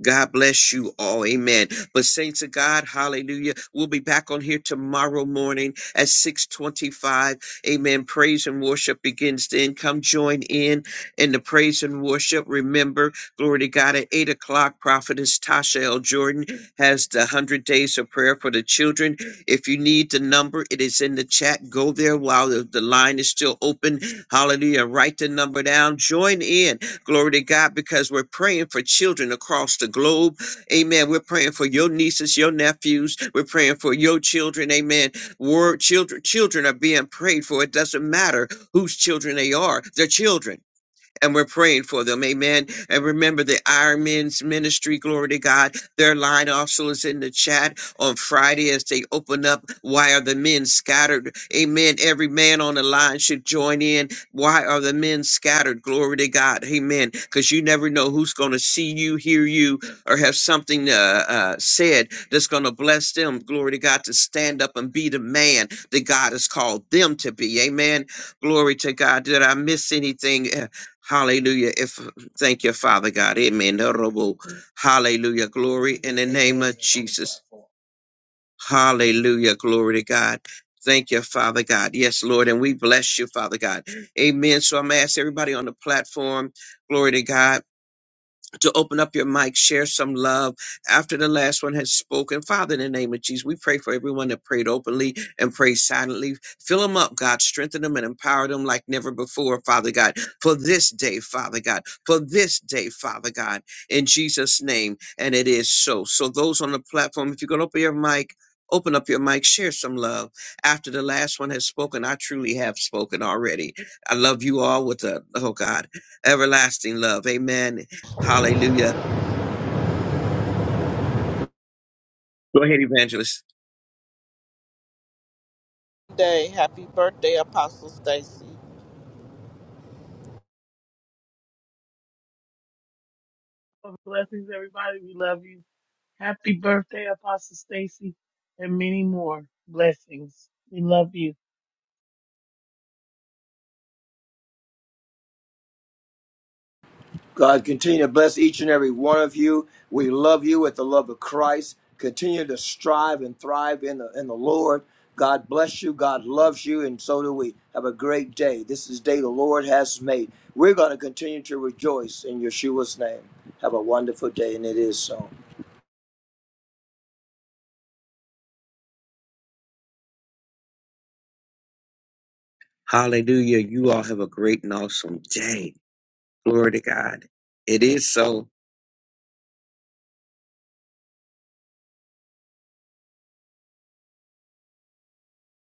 D: God bless you all. Amen. But saints of God, hallelujah. We'll be back on here tomorrow morning at 625. Amen. Praise and worship begins then. Come join in in the praise and worship. Remember, glory to God, at 8 o'clock, prophetess Tasha L. Jordan has the 100 days of prayer for the children. If you need the number, it is in the chat. Go there while the the line is still open. Hallelujah. Write the number down. Join in. Glory to God, because we're praying for children across the globe. Amen. We're praying for your nieces, your nephews. We're praying for your children. Amen. Word children, children are being prayed for. It doesn't matter whose children they are. They're children and we're praying for them. Amen. And remember the Iron Men's ministry, glory to God. Their line also is in the chat on Friday as they open up. Why are the men scattered? Amen. Every man on the line should join in. Why are the men scattered? Glory to God. Amen. Because you never know who's going to see you, hear you, or have something uh, uh, said that's going to bless them. Glory to God to stand up and be the man that God has called them to be. Amen. Glory to God. Did I miss anything? Hallelujah. If thank you, Father God. Amen. Honorable. Hallelujah. Glory in the name of Jesus. Hallelujah. Glory to God. Thank you, Father God. Yes, Lord. And we bless you, Father God. Amen. So I'm going to ask everybody on the platform, glory to God to open up your mic, share some love after the last one has spoken. Father, in the name of Jesus, we pray for everyone that prayed openly and prayed silently. Fill them up, God. Strengthen them and empower them like never before, Father God. For this day, Father God. For this day, Father God. In Jesus' name. And it is so. So, those on the platform, if you can open your mic, Open up your mic, share some love. After the last one has spoken, I truly have spoken already. I love you all with a, oh God, everlasting love. Amen Hallelujah. Go ahead, evangelist.
A: Day. Happy birthday, Apostle Stacy.
B: Blessings, everybody. We love you. Happy birthday, Apostle Stacy, and many more blessings. We love you.
C: God, continue to bless each and every one of you. We love you with the love of Christ. Continue to strive and thrive in the, in the Lord. God bless you. God loves you, and so do we. Have a great day. This is the day the Lord has made. We're going to continue to rejoice in Yeshua's name. Have a wonderful day, and it is so.
D: Hallelujah. You all have a great and awesome day. Glory to God. It is so.